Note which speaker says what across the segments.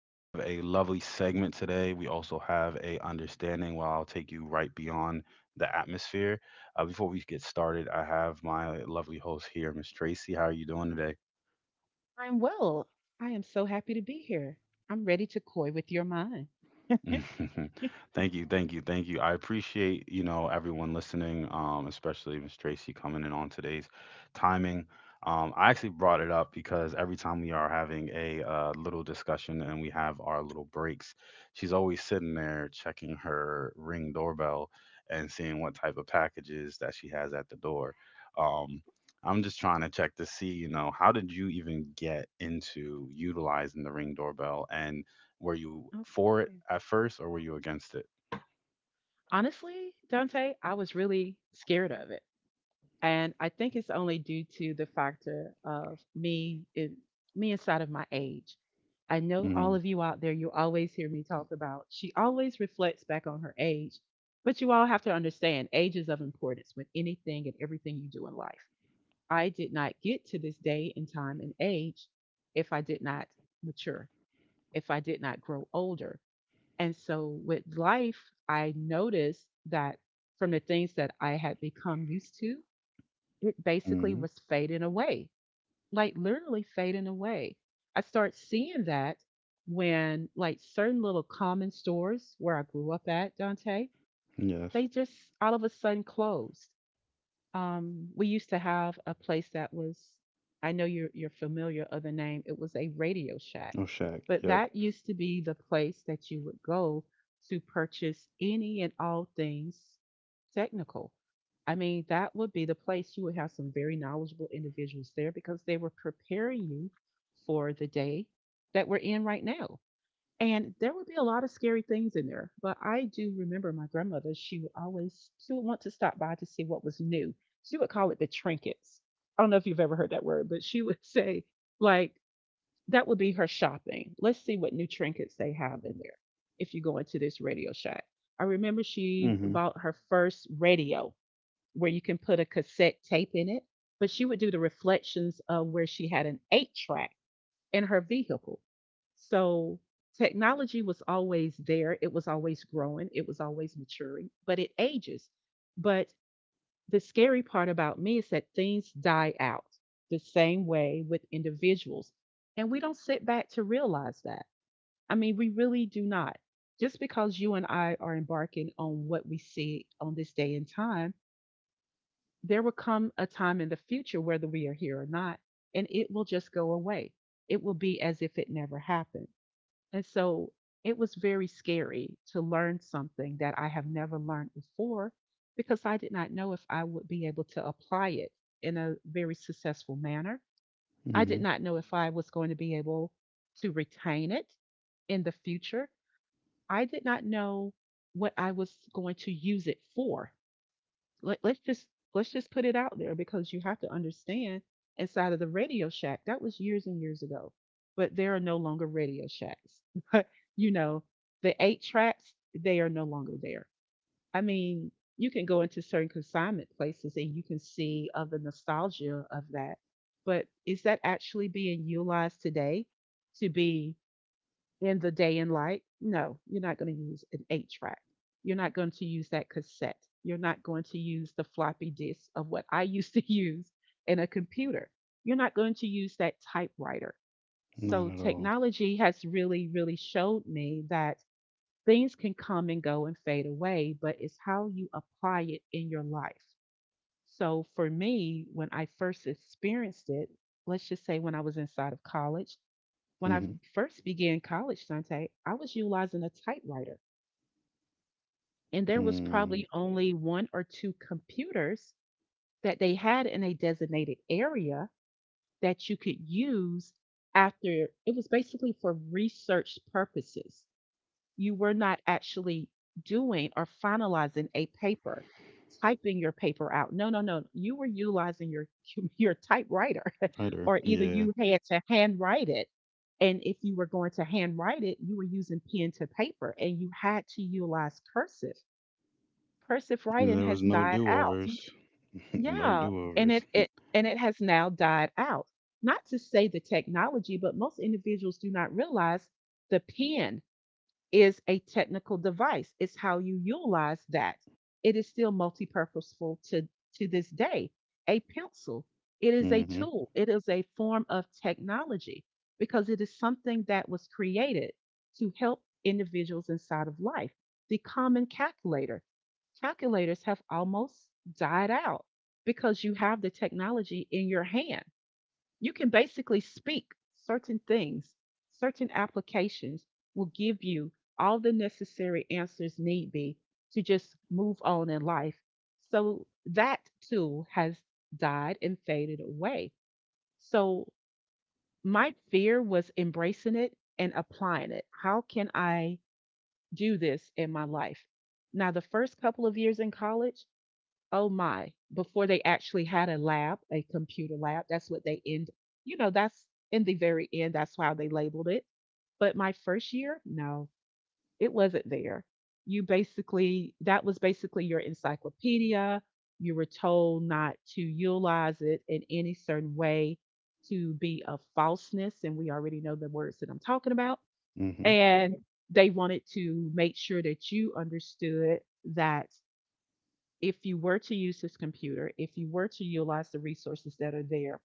Speaker 1: We have a lovely segment today. We also have a understanding where I'll take you right beyond the atmosphere. Before we get started, I have my lovely host here, Miss Tracy. How are you doing today?
Speaker 2: I'm well. I am so happy to be here. I'm ready to coy with your mind.
Speaker 1: Thank you, thank you, thank you. I appreciate, everyone listening, especially Miss Tracy coming in on today's timing. I actually brought it up because every time we are having a little discussion and we have our little breaks, she's always sitting there checking her ring doorbell and seeing what type of packages that she has at the door. Um, I'm just trying to check to see, how did you even get into utilizing the ring doorbell? And were you for it
Speaker 2: Okay.
Speaker 1: at first, or were you against it?
Speaker 2: Honestly, Dante, I was really scared of it. And I think it's only due to the factor of me inside of my age. I know all
Speaker 1: Mm,
Speaker 2: of you out there, you always hear me talk about she always reflects back on her age. But you all have to understand age is of importance with anything and everything you do in life. I did not get to this day and time and age if I did not mature, if I did not grow older. And so with life, I noticed that from the things that I had become used to, it basically
Speaker 1: mhm.
Speaker 2: was fading away, like literally fading away. I start seeing that when like certain little common stores where I grew up at, Dante,
Speaker 1: Yes.
Speaker 2: they just all of a sudden closed. We used to have a place that was, I know you're familiar of the name. It was a Radio Shack,
Speaker 1: Oh, Shaq.
Speaker 2: but
Speaker 1: Yep.
Speaker 2: that used to be the place that you would go to purchase any and all things technical. I mean, that would be the place you would have some very knowledgeable individuals there because they were preparing you for the day that we're in right now. And there would be a lot of scary things in there, but I do remember my grandmother, she would want to stop by to see what was new. She would call it the trinkets. I don't know if you've ever heard that word, but she would say like that would be her shopping. Let's see what new trinkets they have in there if you go into this Radio Shack. I remember she
Speaker 1: Mhm.
Speaker 2: bought her first radio where you can put a cassette tape in it, but she would do the reflections of where she had an eight track in her vehicle. So technology was always there, it was always growing, it was always maturing, but it ages. But the scary part about me is that things die out the same way with individuals. And we don't sit back to realize that. I mean, we really do not. Just because you and I are embarking on what we see on this day and time, there will come a time in the future, whether we are here or not, and it will just go away. It will be as if it never happened. And so it was very scary to learn something that I have never learned before because I did not know if I would be able to apply it in a very successful manner. I did
Speaker 1: Mhm.
Speaker 2: not know if I was going to be able to retain it in the future. I did not know what I was going to use it for. Let, let's just let's just put it out there because you have to understand inside of the Radio Shack that was years and years ago, but there are no longer Radio Shacks. You know, the eight tracks they are no longer there. I mean, you can go into certain consignment places and you can see of the nostalgia of that, but is that actually being utilized today to be in the day and light? No, you're not going to use an eight track. You're not going to use that cassette. You're not going to use the floppy disk of what I used to use in a computer. You're not going to use that typewriter.
Speaker 1: Not
Speaker 2: So
Speaker 1: at all.
Speaker 2: technology has really, really showed me that things can come and go and fade away, but it's how you apply it in your life. So for me, when I first experienced it, let's just say when I was inside of college, when I
Speaker 1: Mhm.
Speaker 2: first began college, Sante, I was utilizing a typewriter, and there was
Speaker 1: Mm.
Speaker 2: probably only one or two computers that they had in a designated area that you could use after it was basically for research purposes. You were not actually doing or finalizing a paper, typing your paper out. No, no, no. You were utilizing your your typewriter.
Speaker 1: Either.
Speaker 2: Or either
Speaker 1: Yeah.
Speaker 2: you had to handwrite it. And if you were going to handwrite it, you were using pen to paper and you had to utilize cursive. Cursive writing
Speaker 1: There
Speaker 2: has
Speaker 1: was no
Speaker 2: died out.
Speaker 1: do-overs. No
Speaker 2: Yeah. And it,
Speaker 1: do-overs.
Speaker 2: it and it has now died out. Not to say the technology, but most individuals do not realize the pen is a technical device. It's how you utilize that. It is still multi-purposeful to this day. A pencil, it is a
Speaker 1: Mhm.
Speaker 2: tool. It is a form of technology because it is something that was created to help individuals inside of life. The common calculator, calculators have almost died out because you have the technology in your hand, you can basically speak certain things, certain applications will give you all the necessary answers need be to just move on in life. So that tool has died and faded away. So my fear was embracing it and applying it. How can I do this in my life? Now, the first couple of years in college, oh my, before they actually had a lab, a computer lab, that's what they end, you know, that's in the very end, that's how they labeled it. But my first year, no, it wasn't there. You basically, that was basically your encyclopedia. You were told not to utilize it in any certain way to be of falseness. And we already know the words that I'm talking about.
Speaker 1: Mhm.
Speaker 2: And they wanted to make sure that you understood that if you were to use this computer, if you were to utilize the resources that are there,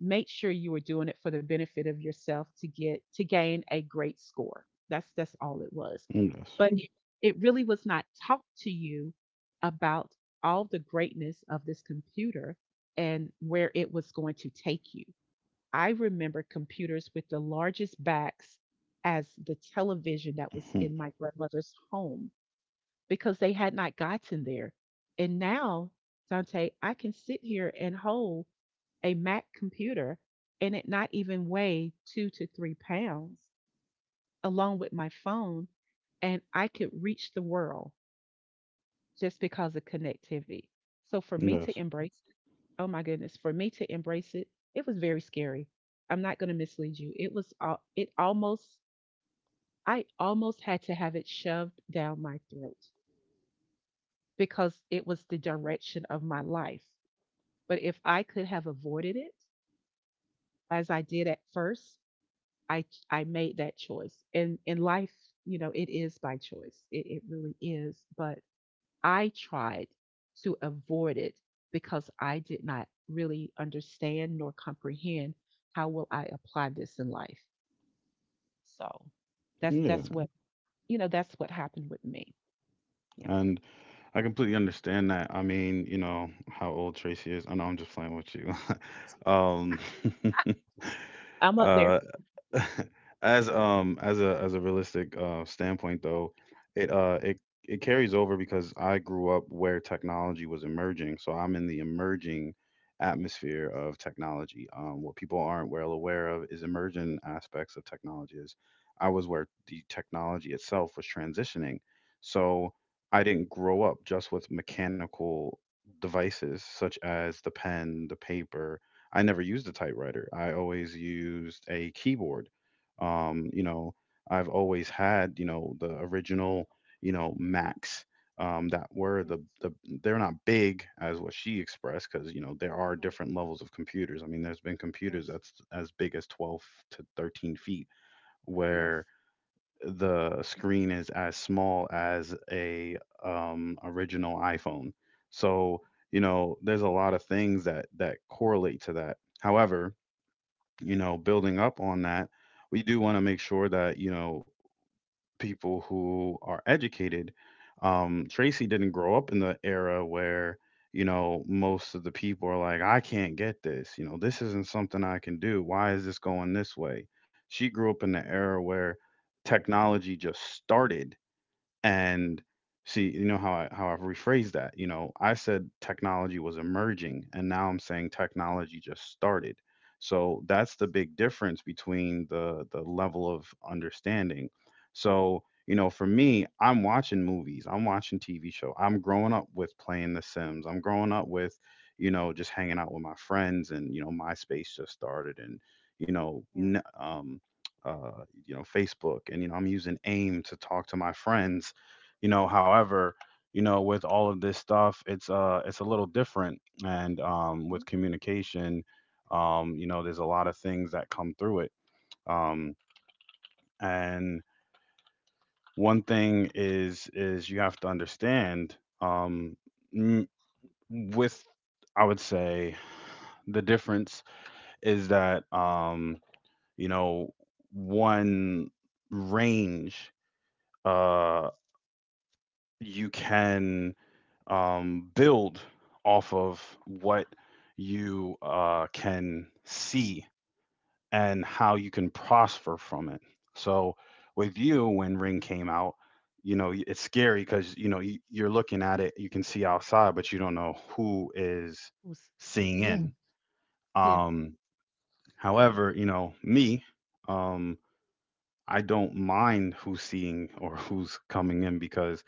Speaker 2: make sure you are doing it for the benefit of yourself to get to gain a great score. That's all it was.
Speaker 1: Yes.
Speaker 2: But it really was not taught to you about all the greatness of this computer and where it was going to take you. I remember computers with the largest backs as the television that was
Speaker 1: Mhm.
Speaker 2: in my grandmother's home because they had not gotten there. And now, Dante, I can sit here and hold a Mac computer and it not even weigh 2 to 3 pounds along with my phone, and I could reach the world just because of connectivity. So for me to
Speaker 1: Yes.
Speaker 2: embrace it, oh my goodness, for me to embrace it, it was very scary. I'm not going to mislead you. It was al- it almost I almost had to have it shoved down my throat because it was the direction of my life. But if I could have avoided it as I did at first, I I made that choice. And in life, you know, it is by choice. It really is. But I tried to avoid it because I did not really understand nor comprehend how will I apply this in life. So that's
Speaker 1: Yeah.
Speaker 2: that's what that's what happened with me. Yeah.
Speaker 1: And I completely understand that. I mean, you know how old Tracy is. I know I'm just playing with you. Um.
Speaker 2: I'm up there.
Speaker 1: uh, as a realistic standpoint though, it carries over because I grew up where technology was emerging, so I'm in the emerging atmosphere of technology. What people aren't well aware of is emerging aspects of technology is I was where the technology itself was transitioning. So I didn't grow up just with mechanical devices such as the pen, the paper. I never used a typewriter. I always used a keyboard. Um, you know, I've always had, the original, Macs that were
Speaker 2: Yes.
Speaker 1: the they're not big as what she expressed because there are
Speaker 2: Mhm.
Speaker 1: different levels of computers. I mean, there's been computers
Speaker 2: Yes.
Speaker 1: that's as big as 12 to 13 feet,
Speaker 2: Yes.
Speaker 1: where the screen is as small as a original iPhone. So there's a lot of things that correlate to that. However, building up on that, we do want to make sure that, people who are educated, Tracy didn't grow up in the era where, most of the people are like, I can't get this. You know, this isn't something I can do. Why is this going this way? She grew up in the era where technology just started. And see, you know how I've rephrased that. You know, I said technology was emerging, and now I'm saying technology just started. So that's the big difference between the level of understanding. So, for me, I'm watching movies, I'm watching TV show. I'm growing up with playing The Sims. I'm growing up with, just hanging out with my friends. And, MySpace just started. And, you know,
Speaker 2: Yeah.
Speaker 1: n- um Facebook, and I'm using AIM to talk to my friends. However, with all of this stuff, it's a little different. And
Speaker 2: Mhm.
Speaker 1: with communication there's a lot of things that come through it. um and one thing is you have to understand m- with, I would say, the difference is that you know one range, uh you can build off of what you can see and how you can prosper from it. So, with you, when Ring came out, it's scary because you're looking at it, you can see outside, but you don't know who is
Speaker 2: Was-
Speaker 1: seeing
Speaker 2: Yeah.
Speaker 1: in.
Speaker 2: Yes.
Speaker 1: Um,
Speaker 2: Yeah.
Speaker 1: however, you know me, um, I don't mind who's seeing or who's coming in because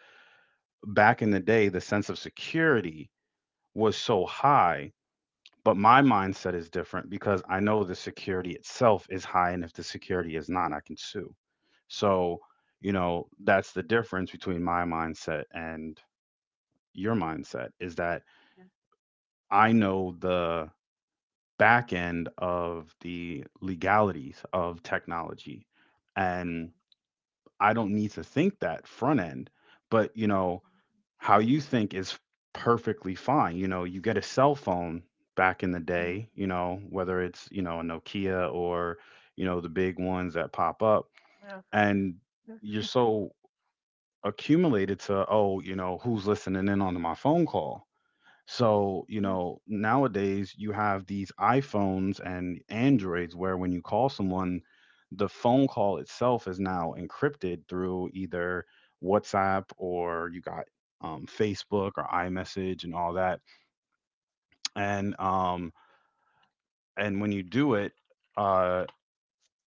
Speaker 1: back in the day, the sense of security was so high. But my mindset is different because I know the security itself is high, and if the security is not, I can sue. So, that's the difference between my mindset and your mindset is that I know the back end of the legalities of technology, and I don't need to think that front end. But, how you think is perfectly fine. You get a cell phone back in the day, whether it's, a Nokia, or, the big ones that pop up. And you're so accumulated to, oh, who's listening in on my phone call? So, nowadays you have these iPhones and Androids where when you call someone, the phone call itself is now encrypted through either WhatsApp, or you got Facebook or iMessage and all that. And um, and when you do it, uh,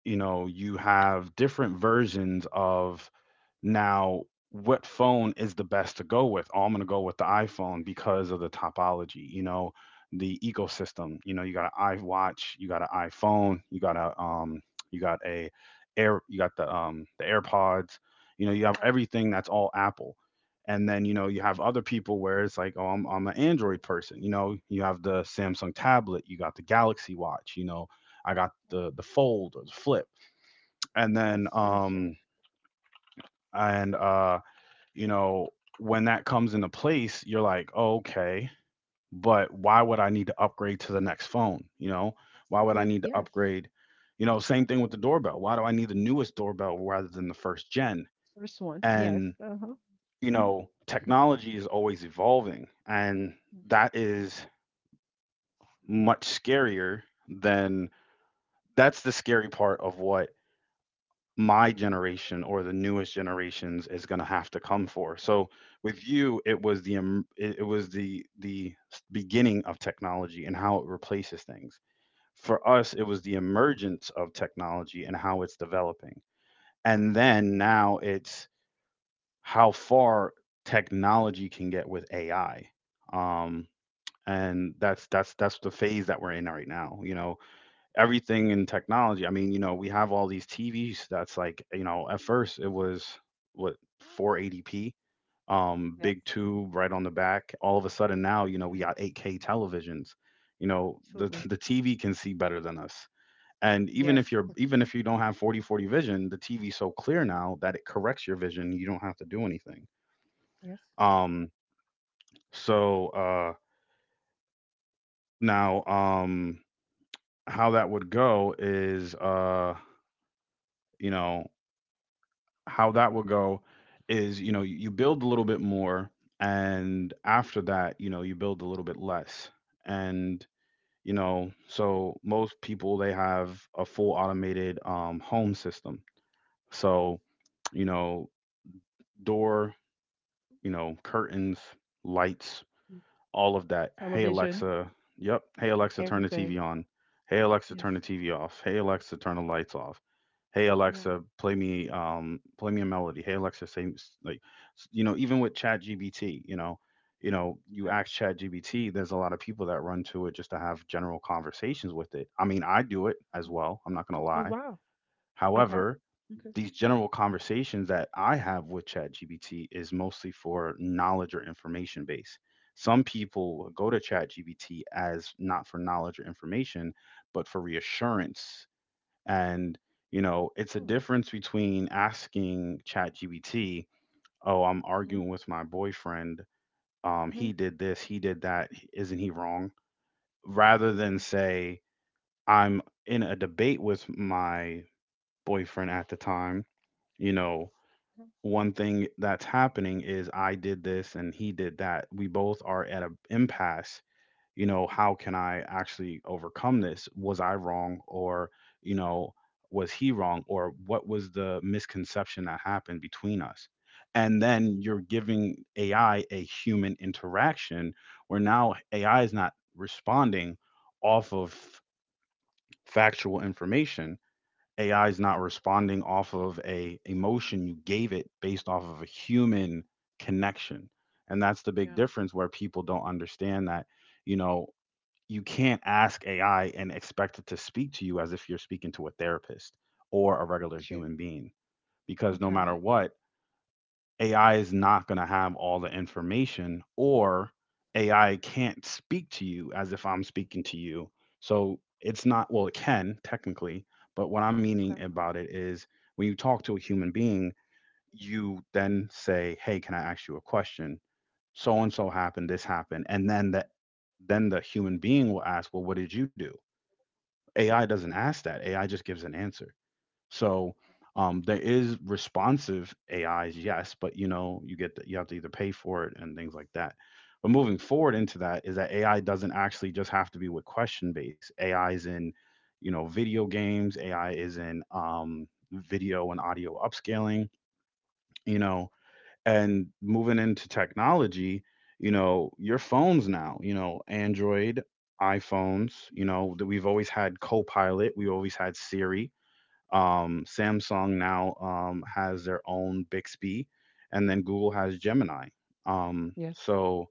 Speaker 1: you have different versions of. Now, what phone is the best to go with? Oh, I'm going to go with the iPhone because of the topology, the ecosystem. You got an iWatch, you got an iPhone, you got a you got the AirPods. You have everything that's all Apple. And then, you have other people where it's like, "Oh, I'm an Android person." You have the Samsung tablet, you got the Galaxy Watch, I got the Fold or the Flip. And then and uh you know, when that comes into place, you're like, oh, okay, but why would I need to upgrade to the next phone? Why would I need to upgrade? Same thing with the doorbell. Why do I need the newest doorbell rather than the first gen?
Speaker 2: Yes.
Speaker 1: And, technology is always evolving. And that is much scarier than, that's the scary part of what my generation or the newest generations is going to have to come for. So with you, it was the it was the beginning of technology and how it replaces things. For us, it was the emergence of technology and how it's developing. And then now it's how far technology can get with AI. Um, and that's the phase that we're in right now. Everything in technology. I mean, we have all these TVs that's like, at first it was what, 480p, big tube right on the back. All of a sudden now, we got 8K televisions. The the TV can see better than us. And even if you don't have 4040 vision, the TV's so clear now that it corrects your vision. You don't have to do anything. Um, so now, how that would go is, you know how that will go is, you build a little bit more, and after that, you build a little bit less. And so most people, they have a full automated home system. So, you know door, curtains, lights, all of that. Hey Alexa, yep. Hey Alexa, turn the TV on. Hey Alexa, turn the TV off. Hey Alexa, turn the lights off. Hey Alexa, play me a melody. Hey Alexa, say, like, even with ChatGPT, you ask ChatGPT, there's a lot of people that run to it just to have general conversations with it. I mean, I do it as well. I'm not going to lie. However,
Speaker 2: Okay.
Speaker 1: these general conversations that I have with ChatGPT is mostly for knowledge or information base. Some people go to ChatGPT as not for knowledge or information, but for reassurance. And, it's a difference between asking ChatGPT, oh, I'm arguing with my boyfriend. He did this, he did that. Isn't he wrong? Rather than say, I'm in a debate with my boyfriend at the time. You know, one thing that's happening is I did this and he did that. We both are at an impasse. How can I actually overcome this? Was I wrong? Or, you know, was he wrong? Or what was the misconception that happened between us? And then you're giving AI a human interaction where now AI is not responding off of factual information. AI is not responding off of a emotion you gave it based off of a human connection. And that's the big difference where people don't understand that, you know, you can't ask AI and expect it to speak to you as if you're speaking to a therapist or a regular human being because no matter what, AI is not going to have all the information, or AI can't speak to you as if I'm speaking to you. So it's not, well, it can technically, but what I'm meaning about it is when you talk to a human being, you then say, Hey, can I ask you a question? So and so happened, this happened. And then the human being will ask, "Well, what did you do?" AI doesn't ask that. AI just gives an answer. So, there is responsive AIs, yes, but you get you have to either pay for it and things like that. But moving forward into that is that AI doesn't actually just have to be with question based. AI is in, you know, video games. AI is in video and audio upscaling. You know, and moving into technology, you know, your phones now, you know, Android, iPhones, you know, that we've always had Copilot, we always had Siri, Samsung now has their own Bixby, and then Google has Gemini. Um,
Speaker 2: Yes.
Speaker 1: so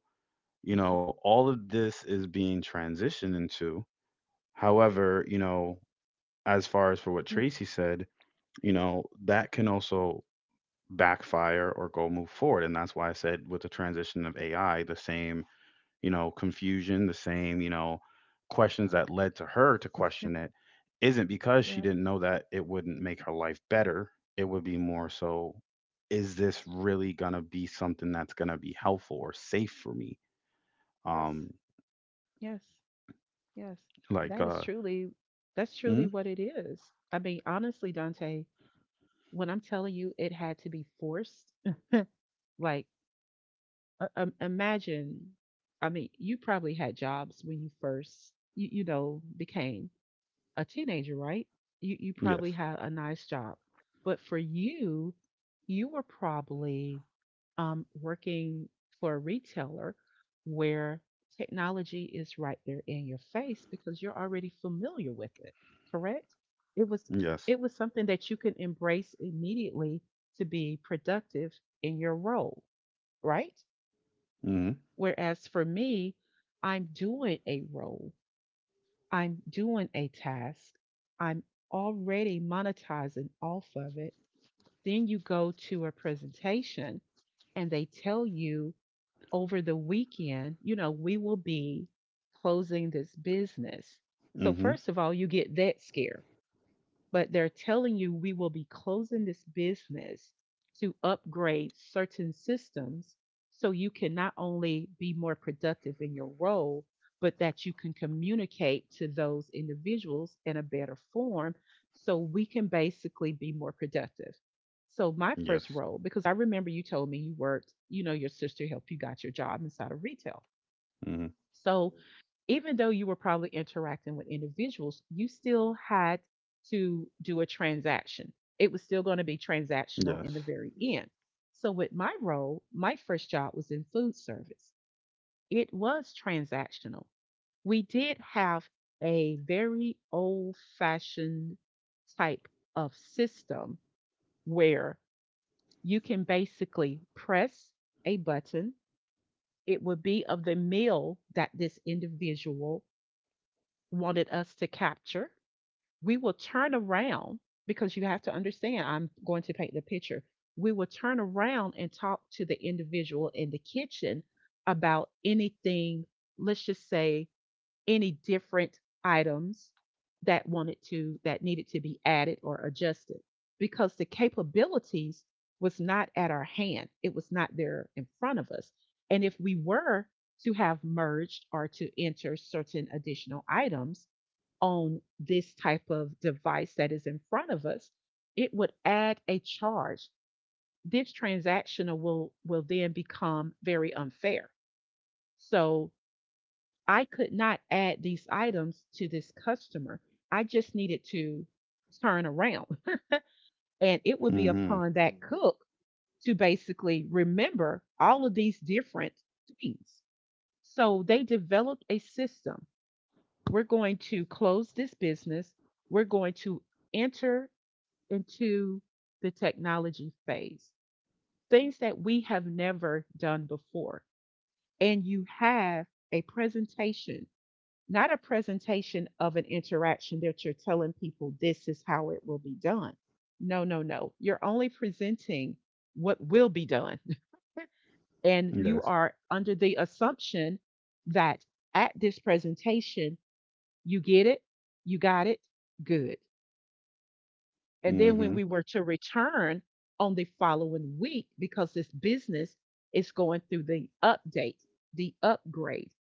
Speaker 1: you know all of this is being transitioned into. However, you know, as far as for what Tracy said, you know that can also backfire or go move forward, and that's why I said with the transition of AI, the same, you know, confusion, the same, you know, questions that led to her to question it isn't because she didn't know that it wouldn't make her life better. It would be more so, is this really gonna be something that's gonna be helpful or safe for me? Um,
Speaker 2: Yes, yes.
Speaker 1: like,
Speaker 2: That is
Speaker 1: uh,
Speaker 2: truly, that's
Speaker 1: mhm,
Speaker 2: truly what it is. I mean, honestly, Dante, when I'm telling you it had to be forced, like, imagine, I mean, you probably had jobs when you first, you know, became a teenager, right? You probably
Speaker 1: yes,
Speaker 2: had a nice job. But for you, you were probably working for a retailer where technology is right there in your face because you're already familiar with it, correct? it was
Speaker 1: yes,
Speaker 2: it was something that you can embrace immediately to be productive in your role, right?
Speaker 1: hmm,
Speaker 2: Whereas for me, I'm doing a role, I'm doing a task, I'm already monetizing off of it. Then you go to a presentation and they tell you, over the weekend, you know, we will be closing this business. So,
Speaker 1: hmm,
Speaker 2: first of all, you get that scare, but they're telling you we will be closing this business to upgrade certain systems so you can not only be more productive in your role, but that you can communicate to those individuals in a better form so we can basically be more productive. So, my first
Speaker 1: yes,
Speaker 2: role, because I remember you told me you worked, you know, your sister helped you got your job inside of retail.
Speaker 1: hmm,
Speaker 2: So, even though you were probably interacting with individuals, you still had to do a transaction. It was still going to be transactional
Speaker 1: yes,
Speaker 2: in the very end. So, with my role, my first job was in food service. It was transactional. We did have a very old fashioned type of system where you can basically press a button. It would be of the meal that this individual wanted us to capture. We will turn around, because you have to understand, I'm going to paint the picture. We will turn around and talk to the individual in the kitchen about anything. Let's just say any different items that wanted to that needed to be added or adjusted, because the capabilities was not at our hand. It was not there in front of us. And if we were to have merged or to enter certain additional items on this type of device that is in front of us, it would add a charge. This transactional will then become very unfair. So I could not add these items to this customer. I just needed to turn around. And it would be
Speaker 1: hmm,
Speaker 2: upon that cook to basically remember all of these different things. So they developed a system. We're going to close this business. We're going to enter into the technology phase, things that we have never done before. And you have a presentation, not a presentation of an interaction that you're telling people this is how it will be done. No, no, no. You're only presenting what will be done. And you
Speaker 1: yes,
Speaker 2: are under the assumption that at this presentation, you get it, you got it, good. And then when
Speaker 1: hmm,
Speaker 2: we were to return on the following week, because this business is going through the update, the upgrade,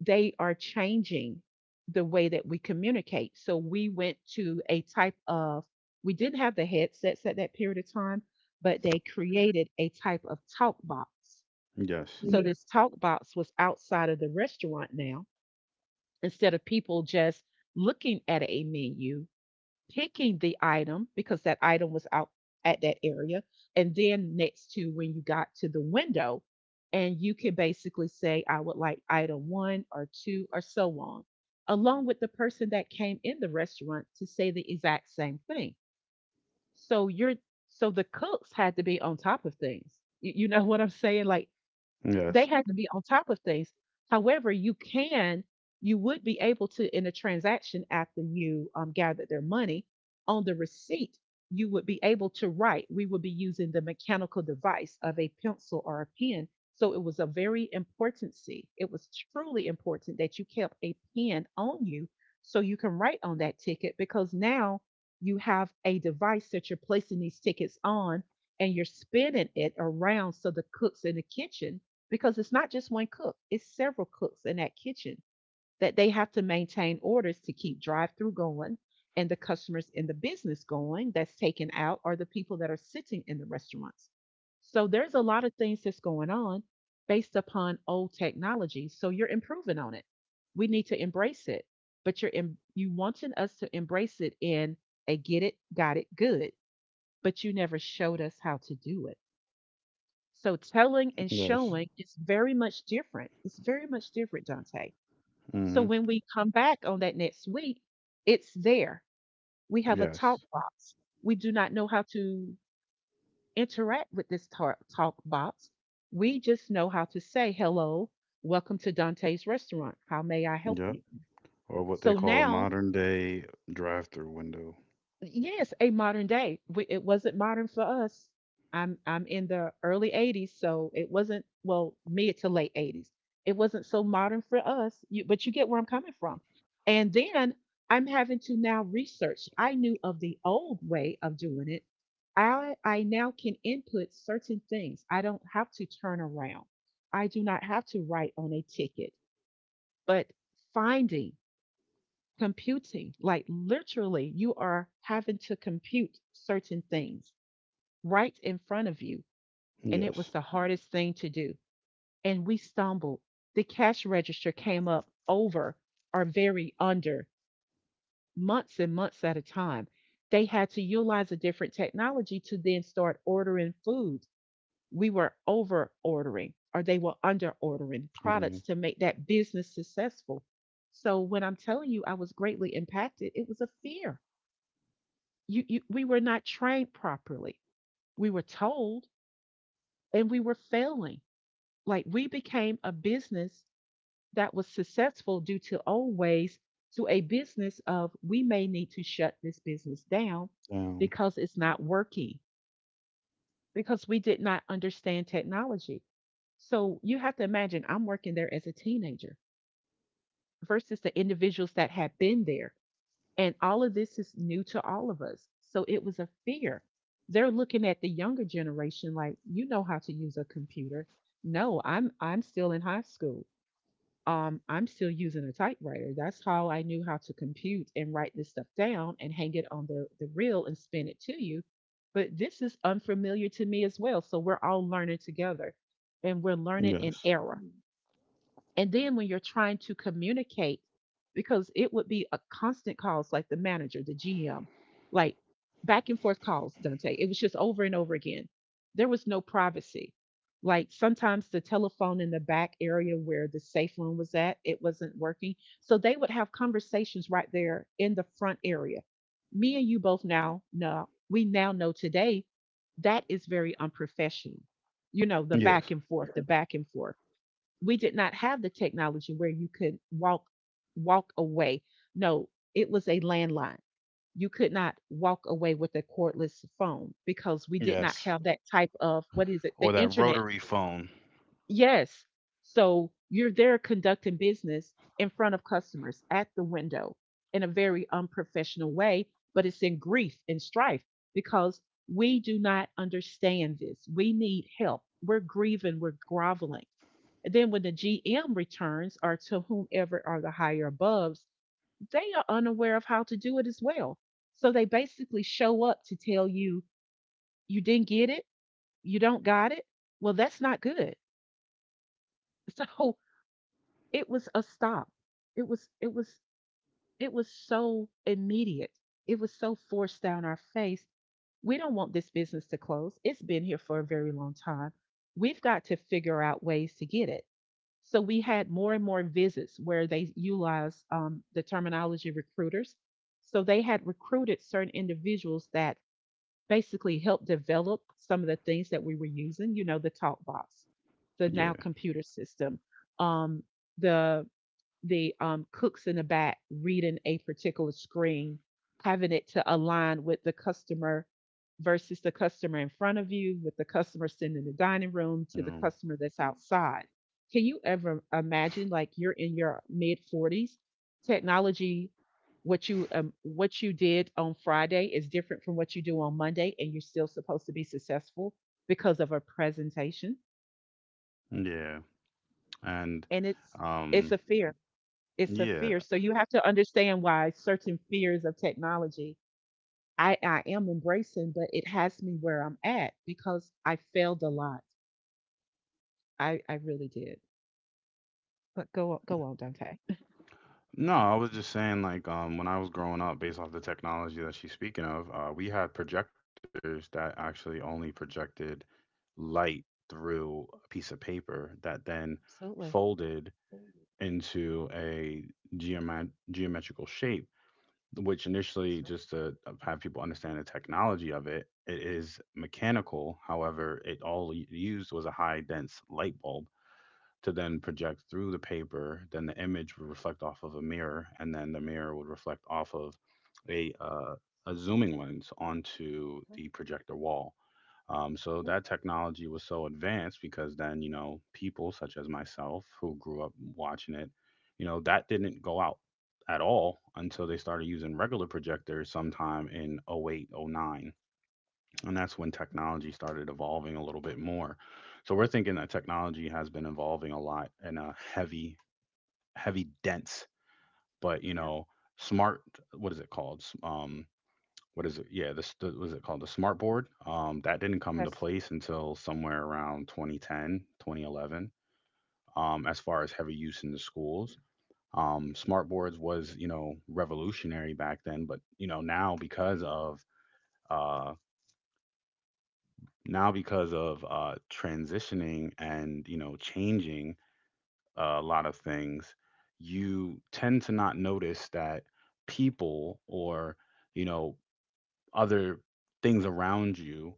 Speaker 2: they are changing the way that we communicate. So we went to a type of, we didn't have the headsets at that period of time, but they created a type of talk box.
Speaker 1: yes,
Speaker 2: Mm-hmm. So this talk box was outside of the restaurant now. Instead of people just looking at a menu, picking the item because that item was out at that area, and then next to when you got to the window, and you can basically say, I would like item one or two or so on, along with the person that came in the restaurant to say the exact same thing. so you're so the cooks had to be on top of things. You know what I'm saying? Like, they
Speaker 1: yes,
Speaker 2: had to be on top of things. However, you can, you would be able to, in a transaction after you gathered their money, on the receipt, you would be able to write. We would be using the mechanical device of a pencil or a pen. So it was a very important see. It was truly important that you kept a pen on you so you can write on that ticket, because now you have a device that you're placing these tickets on, and you're spinning it around so the cooks in the kitchen, because it's not just one cook, it's several cooks in that kitchen, that they have to maintain orders to keep drive through going, and the customers in the business going, that's taken out are the people that are sitting in the restaurants. So there's a lot of things that's going on based upon old technology. So you're improving on it. We need to embrace it, but you wanting us to embrace it in a get it, got it, good, but you never showed us how to do it. So telling and
Speaker 1: yes,
Speaker 2: showing is very much different. It's very much different, Dante. So
Speaker 1: hmm,
Speaker 2: when we come back on that next week, it's there. We have a talk
Speaker 1: yes,
Speaker 2: box. We do not know how to interact with this talk box. We just know how to say, hello, welcome to Dante's restaurant. How may I help
Speaker 1: yep,
Speaker 2: you?
Speaker 1: or what they
Speaker 2: So
Speaker 1: call a
Speaker 2: now,
Speaker 1: modern day drive through window.
Speaker 2: yes, a modern day. We, it wasn't modern for us. I'm in the early 80s, so it wasn't well mid to late 80s. It wasn't so modern for us, you, but you get where I'm coming from. And then I'm having to now research. I knew of the old way of doing it. I now can input certain things. I don't have to turn around. I do not have to write on a ticket, but finding computing. Like literally, you are having to compute certain things right in front of you. And it
Speaker 1: Yes.
Speaker 2: was the hardest thing to do. And we stumbled. The cash register came up over or very under months and months at a time. They had to utilize a different technology to then start ordering food. We were over ordering or they were under ordering
Speaker 1: Ordering
Speaker 2: products to make that business successful. So when I'm telling you I was greatly impacted, it was a fear. You we were not trained properly. We were told, and we were failing. Like, we became a business that was successful due to old ways, to a business of we may need to shut this business down
Speaker 1: down.
Speaker 2: because it's not working, because we did not understand technology. So you have to imagine I'm working there as a teenager versus the individuals that had been there. And all of this is new to all of us. So it was a fear. They're looking at the younger generation like, you know how to use a computer. No, I'm still in high school. I'm still using a typewriter. That's how I knew how to compute and write this stuff down and hang it on the reel and spin it to you. But this is unfamiliar to me as well. So we're all learning together, and we're learning in
Speaker 1: Yes.
Speaker 2: error. And then when you're trying to communicate, because it would be a constant calls, like the manager, the GM, like, back and forth calls, Dante. It was just over and over again. There was no privacy. Like, sometimes the telephone in the back area where the safe room was at, it wasn't working. So they would have conversations right there in the front area. Me and you both now know, we now know today that is very unprofessional. You know, the back
Speaker 1: Yes.
Speaker 2: and forth, the back and forth, we did not have the technology where you could walk away. No, it was a landline. You could not walk away with a cordless phone because we did not
Speaker 1: Yes.
Speaker 2: have that type of, what is it? The
Speaker 1: Or that
Speaker 2: internet.
Speaker 1: rotary phone.
Speaker 2: Yes. So you're there conducting business in front of customers at the window in a very unprofessional way, but it's in grief and strife, because we do not understand this. We need help. We're grieving, we're groveling. And then when the GM returns or to whomever are the higher abovs, they are unaware of how to do it as well. So they basically show up to tell you, you didn't get it, you don't got it. Well, that's not good. So it was a stop. It was, it was, it was so immediate. It was so forced down our face. We don't want this business to close. It's been here for a very long time. We've got to figure out ways to get it. So we had more and more visits where they utilized the terminology recruiters. So they had recruited certain individuals that basically helped develop some of the things that we were using. You know, the talk box, the now
Speaker 1: Yeah.
Speaker 2: computer system, um, the the cooks in the back reading a particular screen, having it to align with the customer versus the customer in front of you, with the customer sitting in the dining room to the
Speaker 1: Mm.
Speaker 2: customer that's outside. Can you ever imagine, like, you're in your mid 40s, technology, what you did on Friday is different from what you do on Monday, and you're still supposed to be successful because of a presentation,
Speaker 1: Yeah. And
Speaker 2: and it's
Speaker 1: um
Speaker 2: a fear. It's a
Speaker 1: yeah.
Speaker 2: fear. So you have to understand why certain fears of technology, I am embracing, but it has me where I'm at because I failed a lot. I really did. But go on, go on, Dante.
Speaker 1: No, I was just saying like when I was growing up based off the technology that she's speaking of, we had projectors that actually only projected light through a piece of paper that then folded into a geometrical shape, which initially, just to have people understand the technology of it, it is mechanical. However, it all used was a high dense light bulb to then project through the paper. Then the image would reflect off of a mirror, and then the mirror would reflect off of a, uh, a zooming lens onto the projector wall. So that technology was so advanced because then, you know, people such as myself who grew up watching it, you know, that didn't go out at all until they started using regular projectors sometime in oh 08, oh 09, and that's when technology started evolving a little bit more. So we're thinking that technology has been evolving a lot in a heavy dense, but you know, smart, what is it called? What is it called? The smart board, that didn't come into place until somewhere around 2010 2011, as far as heavy use in the schools. Smart boards was, you know, revolutionary back then, but you know now because of uh, transitioning and you know changing a lot of things, you tend to not notice that people or you know other things around you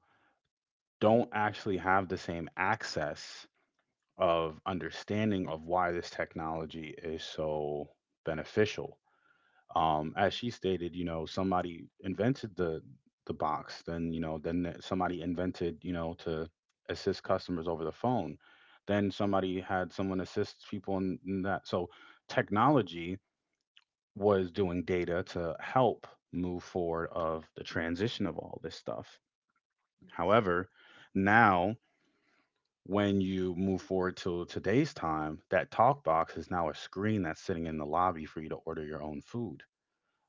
Speaker 1: don't actually have the same access of understanding of why this technology is so beneficial. As she stated, you know, somebody invented the box. Then you know, somebody invented, you know, to assist customers over the phone. Then somebody had someone assist people in that. So technology was doing data to help move forward of the transition of all this stuff. However, now when you move forward to today's time, that talk box is now a screen that's sitting in the lobby for you to order your own food,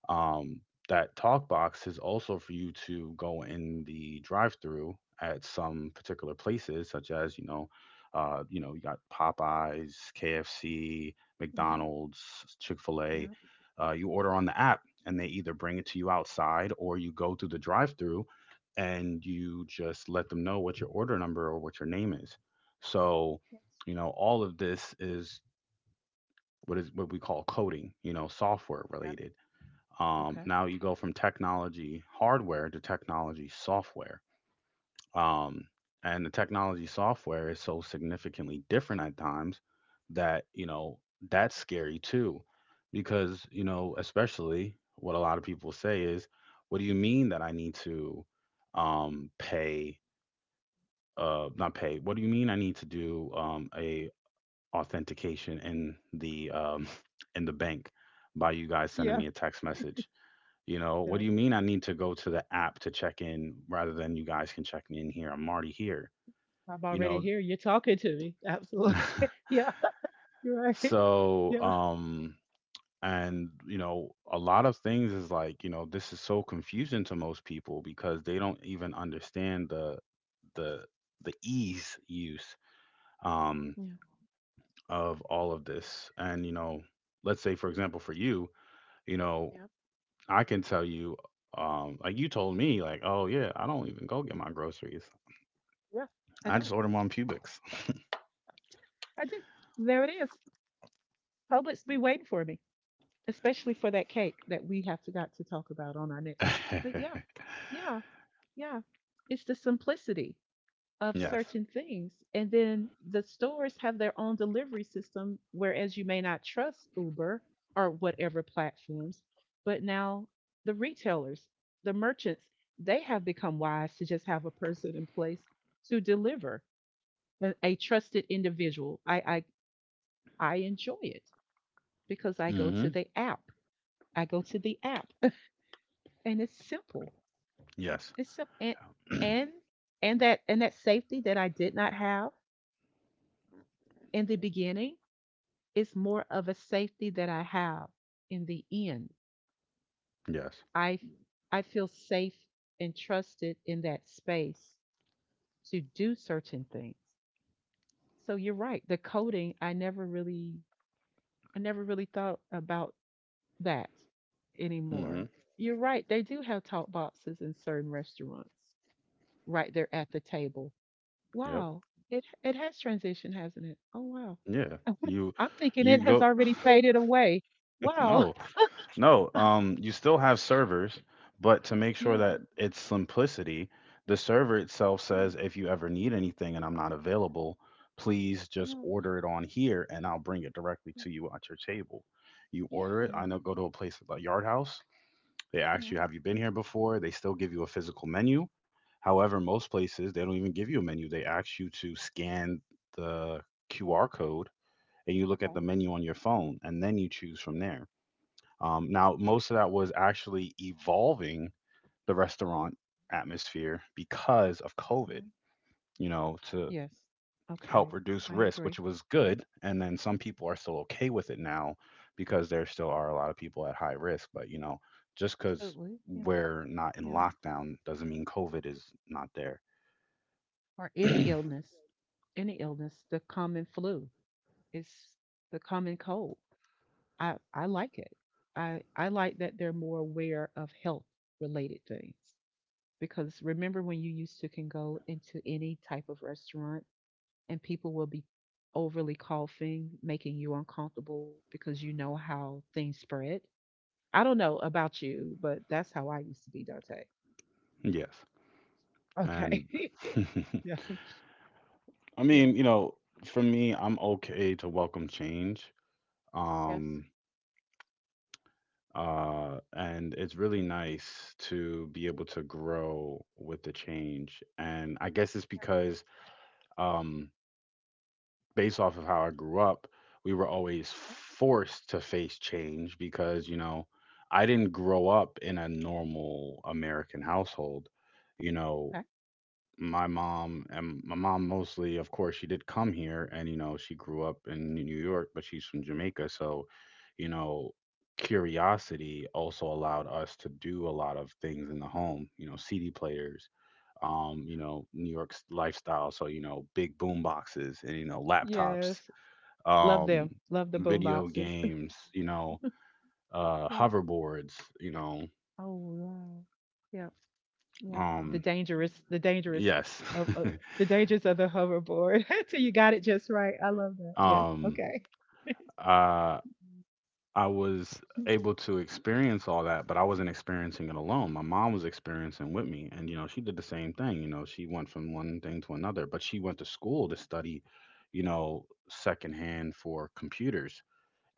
Speaker 1: um, that talk box is also for you to go in the drive-through at some particular places, such as you know, you got Popeyes, KFC, McDonald's, Chick-fil-A. You order on the app, and they either bring it to you outside, or you go through the drive-through, and you just let them know what your order number or what your name is. So, you know, all of this is what we call coding. You know, software related. Now you go from technology hardware to technology software. Um, and the technology software is so significantly different at times that, you know, that's scary too. Because, you know, especially what a lot of people say is, what do you mean that I need to pay, not pay, what do you mean I need to do a authentication in the, in the bank by you guys sending me a text message? You know, what do you mean I need to go to the app to check in rather than you guys can check me in here? I'm already here.
Speaker 2: I'm
Speaker 1: You
Speaker 2: already
Speaker 1: know,
Speaker 2: here. You're talking to me. Absolutely. Yeah,
Speaker 1: so
Speaker 2: yeah,
Speaker 1: um and you know, a lot of things is like, you know, this is so confusing to most people because they don't even understand the the ease use um of all of this. And you know, let's say for example for you, you know, I can tell you like you told me like, "Oh yeah, I don't even go get my groceries."
Speaker 2: yeah. I
Speaker 1: I just
Speaker 2: don't.
Speaker 1: order them on Pubix.
Speaker 2: I do. There it is. Publix be waiting for me, especially for that cake that we have to got to talk about on our next one. But yeah, yeah, yeah. It's the simplicity of
Speaker 1: Yes.
Speaker 2: certain things. And then the stores have their own delivery system, whereas you may not trust Uber or whatever platforms. But now the retailers, the merchants, they have become wise to just have a person in place to deliver a trusted individual. I I enjoy it because I go
Speaker 1: Mm-hmm.
Speaker 2: to the app. I go to the app, and it's simple.
Speaker 1: Yes.
Speaker 2: It's simple, and and that, and that safety that I did not have in the beginning, it's more of a safety that I have in the end.
Speaker 1: Yes.
Speaker 2: I I feel safe and trusted in that space to do certain things. So you're right. The coding, I never really, I never really thought about that
Speaker 1: Mm-hmm.
Speaker 2: anymore. You're right. They do have talk boxes in certain restaurants right there at the table.
Speaker 1: Yep.
Speaker 2: Wow. It has transitioned, hasn't it? Oh wow.
Speaker 1: Yeah. You
Speaker 2: I'm thinking it
Speaker 1: you
Speaker 2: has
Speaker 1: go.
Speaker 2: already faded away. Wow.
Speaker 1: No, no. You still have servers, but to make sure
Speaker 2: Yeah.
Speaker 1: that it's simplicity, the server itself
Speaker 2: Mm,
Speaker 1: says if you ever need anything and I'm not available, please just
Speaker 2: yeah.
Speaker 1: order it on here and I'll bring it directly to you at your table. You order it,
Speaker 2: Yeah.
Speaker 1: I know, go to a place like Yard House. They ask
Speaker 2: Yeah,
Speaker 1: you, have you been here before? They still give you a physical menu. However, most places, they don't even give you a menu. They ask you to scan the QR code and you look at the menu on your phone and then you choose from there. Now, most of that was actually evolving the restaurant atmosphere because of COVID. You know, to help reduce risk, which was good. And then some people are still okay with it now because there still are a lot of people at high risk. But, you know, just because we're not in
Speaker 2: yeah.
Speaker 1: lockdown doesn't mean COVID is not there.
Speaker 2: Or any illness, the common flu. It's the common cold. I like it. I like that they're more aware of health related things because remember when you used to can go into any type of restaurant and people will be overly coughing, making you uncomfortable because you know how things spread. I don't know about you, but that's how I used to be, Dante.
Speaker 1: Yes. And
Speaker 2: Okay. Yeah,
Speaker 1: I
Speaker 2: yeah.
Speaker 1: mean, you know, for me, I'm okay to welcome change. Um, and it's really nice to be able to grow with the change. And I guess it's because um, based off of how I grew up, we were always forced to face change because, you know, I didn't grow up in a normal American household. You know, my mom mostly, of course, she did come here and, you know, she grew up in New York, but she's from Jamaica. So, you know, curiosity also allowed us to do a lot of things in the home, you know, CD players, you know, New York's lifestyle. So, you know, big boom boxes and, you know, laptops,
Speaker 2: Yes. Love
Speaker 1: um,
Speaker 2: them. Love the boom
Speaker 1: video
Speaker 2: boxes.
Speaker 1: games, you know,
Speaker 2: Yeah.
Speaker 1: hoverboards, you know.
Speaker 2: Oh wow. Yeah. Yeah. The
Speaker 1: Um,
Speaker 2: dangerous, the dangerous
Speaker 1: yes.
Speaker 2: of uh, the dangers of the hoverboard. Till you got it just right. I love that. Yes.
Speaker 1: um,
Speaker 2: Okay.
Speaker 1: uh, I was able to experience all that, but I wasn't experiencing it alone. My mom was experiencing with me, and you know, she did the same thing. You know, she went from one thing to another, but she went to school to study, you know, secondhand for computers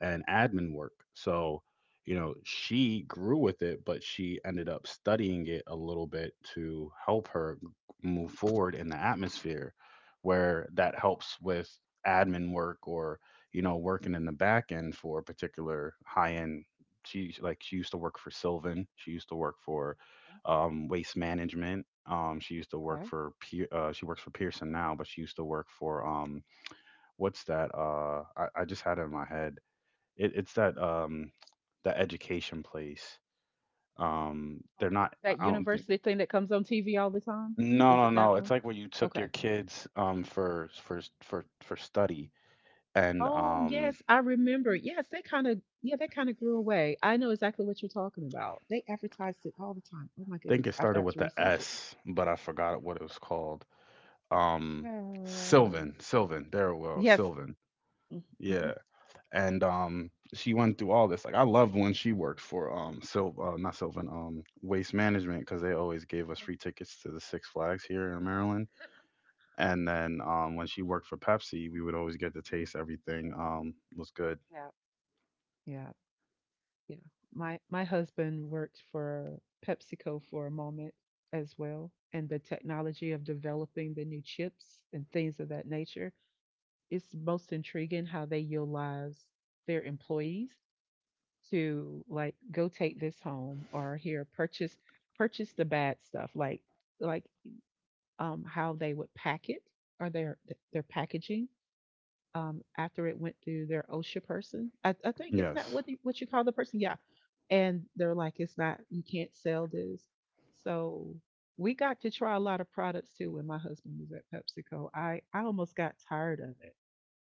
Speaker 1: and admin work. So, you know, she grew with it, but she ended up studying it a little bit to help her move forward in the atmosphere where that helps with admin work or, you know, working in the back end for a particular high end. She used to work for Sylvan. She used to work for waste management. She used to work
Speaker 2: Okay.
Speaker 1: for she works for Pearson now, but she used to work for what's that? I just had it in my head. It's that, that education place. They're not,
Speaker 2: That
Speaker 1: I don't think.
Speaker 2: university thing that comes on TV all the time.
Speaker 1: No,
Speaker 2: Is
Speaker 1: no,
Speaker 2: it that
Speaker 1: no, it's
Speaker 2: one?
Speaker 1: like when you took
Speaker 2: Okay.
Speaker 1: your kids, for study and,
Speaker 2: Oh yes, I remember. Yes, they kind of yeah, they kind of grew away. I know exactly what you're talking about. They advertised it all the time. Oh my
Speaker 1: I think
Speaker 2: goodness,
Speaker 1: it
Speaker 2: I've
Speaker 1: started
Speaker 2: got
Speaker 1: with
Speaker 2: to
Speaker 1: the
Speaker 2: research it.
Speaker 1: S, but I forgot what it was called. Um, Sylvan, there it was,
Speaker 2: Yes.
Speaker 1: Sylvan.
Speaker 2: Mm-hmm.
Speaker 1: Yeah, and, she went through all this, like, I love when she worked for, Syl not Sylvan, Waste management, because they always gave us free tickets to the Six Flags here in Maryland. And then when she worked for Pepsi, we would always get to taste everything. Was good.
Speaker 2: Yeah. My husband worked for PepsiCo for a moment as well, and the technology of developing the new chips and things of that nature, it's most intriguing how they utilize their employees to like go take this home or here purchase the bad stuff like how they would pack it or their packaging after it went through their OSHA person. I think isn't that
Speaker 1: Yes.
Speaker 2: what you call the person? Yeah, and they're like it's not you can't sell this so we got to try a lot of products too when my husband was at PepsiCo. I almost got tired of it.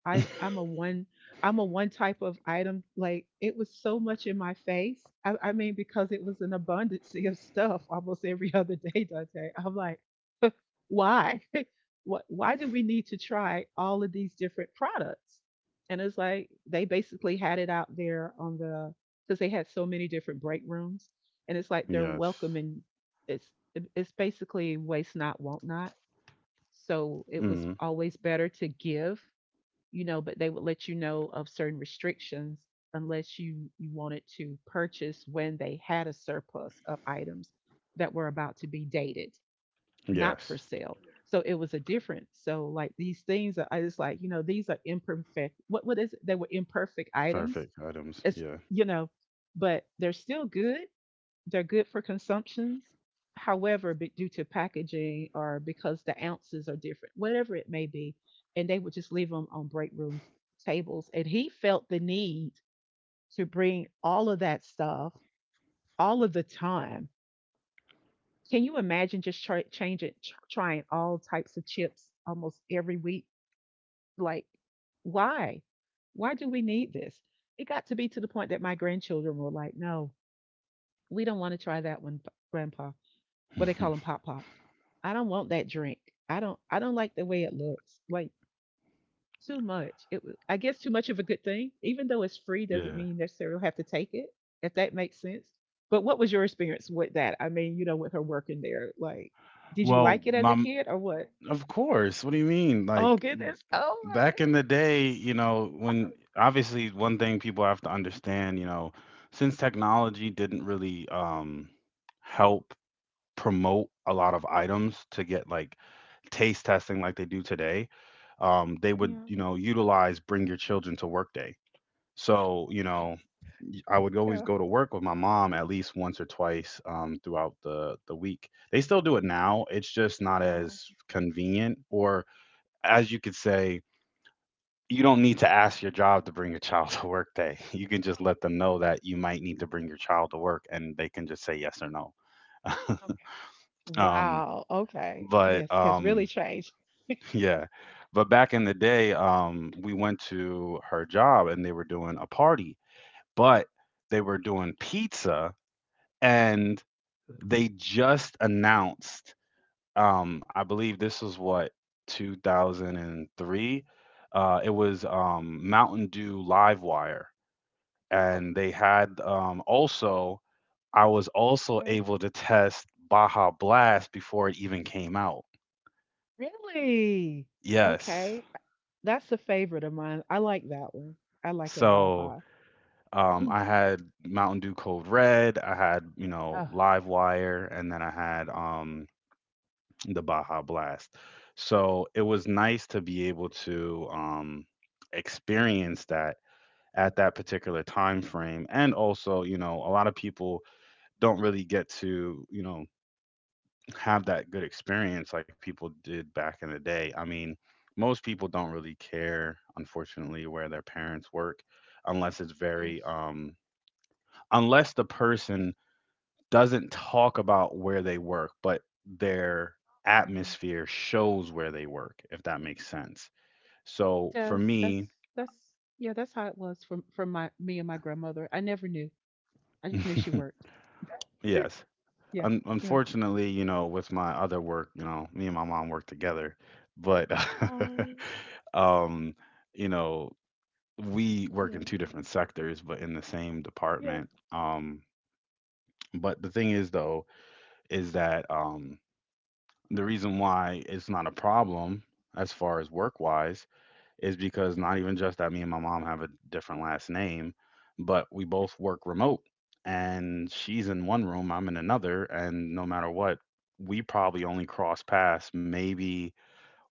Speaker 2: I I'm a one I'm a one type of item. Like it was so much in my face. I mean because it was an abundance of stuff almost every other day, Dante. I'm like why? Why do we need to try all of these different products? And it's like they basically had it out there on the because they had so many different break rooms, and it's like they're
Speaker 1: Yes.
Speaker 2: welcoming. It's it's basically waste not, won't not. So
Speaker 1: Hmm.
Speaker 2: it was always better to give, but they would let you know of certain restrictions unless you wanted to purchase when they had a surplus of items that were about to be dated not for
Speaker 1: Yes.
Speaker 2: sale. So it was a difference. So like these things, are, I just like these are imperfect. What is it? They were imperfect items.
Speaker 1: Perfect items.
Speaker 2: It's
Speaker 1: Yeah.
Speaker 2: you know, but they're still good. They're good for consumptions. However, due to packaging or because the ounces are different, whatever it may be, and they would just leave them on break room tables. And he felt the need to bring all of that stuff all of the time can you imagine just trying all types of chips almost every week? Like, why? Why do we need this? It got to be to the point that my grandchildren were like, no, we don't want to try that one, Grandpa. What they call them, Pop Pop. I don't want that drink. I don't. I don't like the way it looks. Like, too much. It was, I guess too much of a good thing. Even though it's free doesn't
Speaker 1: Yeah.
Speaker 2: mean you necessarily have to take it, if that makes sense. But what was your experience with that? I mean, with her working there, like, did you
Speaker 1: Well,
Speaker 2: like it as a
Speaker 1: mom.
Speaker 2: kid or what?
Speaker 1: Of course. What do you mean?
Speaker 2: Oh
Speaker 1: Like,
Speaker 2: goodness. Oh my
Speaker 1: back in the
Speaker 2: goodness.
Speaker 1: day, you know, when obviously one thing people have to understand, you know, since technology didn't really help promote a lot of items to get like taste testing like they do today, they would,
Speaker 2: Yeah.
Speaker 1: you know, utilize bring your children to work day, so you know I would always go to work with my mom at least once or twice, throughout the week. They still do it now, it's just not
Speaker 2: Wow.
Speaker 1: as convenient or as you could say. You don't need to ask your job to bring your child to work day. You can just let them know that you might need to bring your child to work and they can just say yes or no. um,
Speaker 2: Wow. Okay.
Speaker 1: but
Speaker 2: Yes, has really changed.
Speaker 1: Yeah. But back in the day, we went to her job and they were doing a party, but they were doing pizza and they just announced, I believe this was what, 2003? It was Mountain Dew Livewire. And they had, also, I was also
Speaker 2: Okay.
Speaker 1: able to test Baja Blast before it even came out.
Speaker 2: Really?
Speaker 1: Yes.
Speaker 2: Okay. That's a favorite of mine. I like that one. I like a
Speaker 1: So.
Speaker 2: Baja.
Speaker 1: I had Mountain Dew Code Red, I had, you know, Live Wire, and then I had the Baja Blast. So it was nice to be able to experience that at that particular time frame. And also, you know, a lot of people don't really get to, you know, have that good experience like people did back in the day. I mean, most people don't really care, unfortunately, where their parents work unless it's very unless the person doesn't talk about where they work, but their atmosphere shows where they work, if that makes sense. So for
Speaker 2: Yes,
Speaker 1: me,
Speaker 2: that's yeah, that's how it was for my me and my grandmother. I never knew. I just knew she worked.
Speaker 1: yes.
Speaker 2: Yeah,
Speaker 1: Un- unfortunately, you know, with my other work, you know, me and my mom work together, but um, you know, we work in two different sectors, but in the same department. But the thing is, though, is that, the reason why it's not a problem as far as work wise is because not even just that me and my mom have a different last name, but we both work remote and she's in one room, I'm in another. And no matter what, we probably only cross paths maybe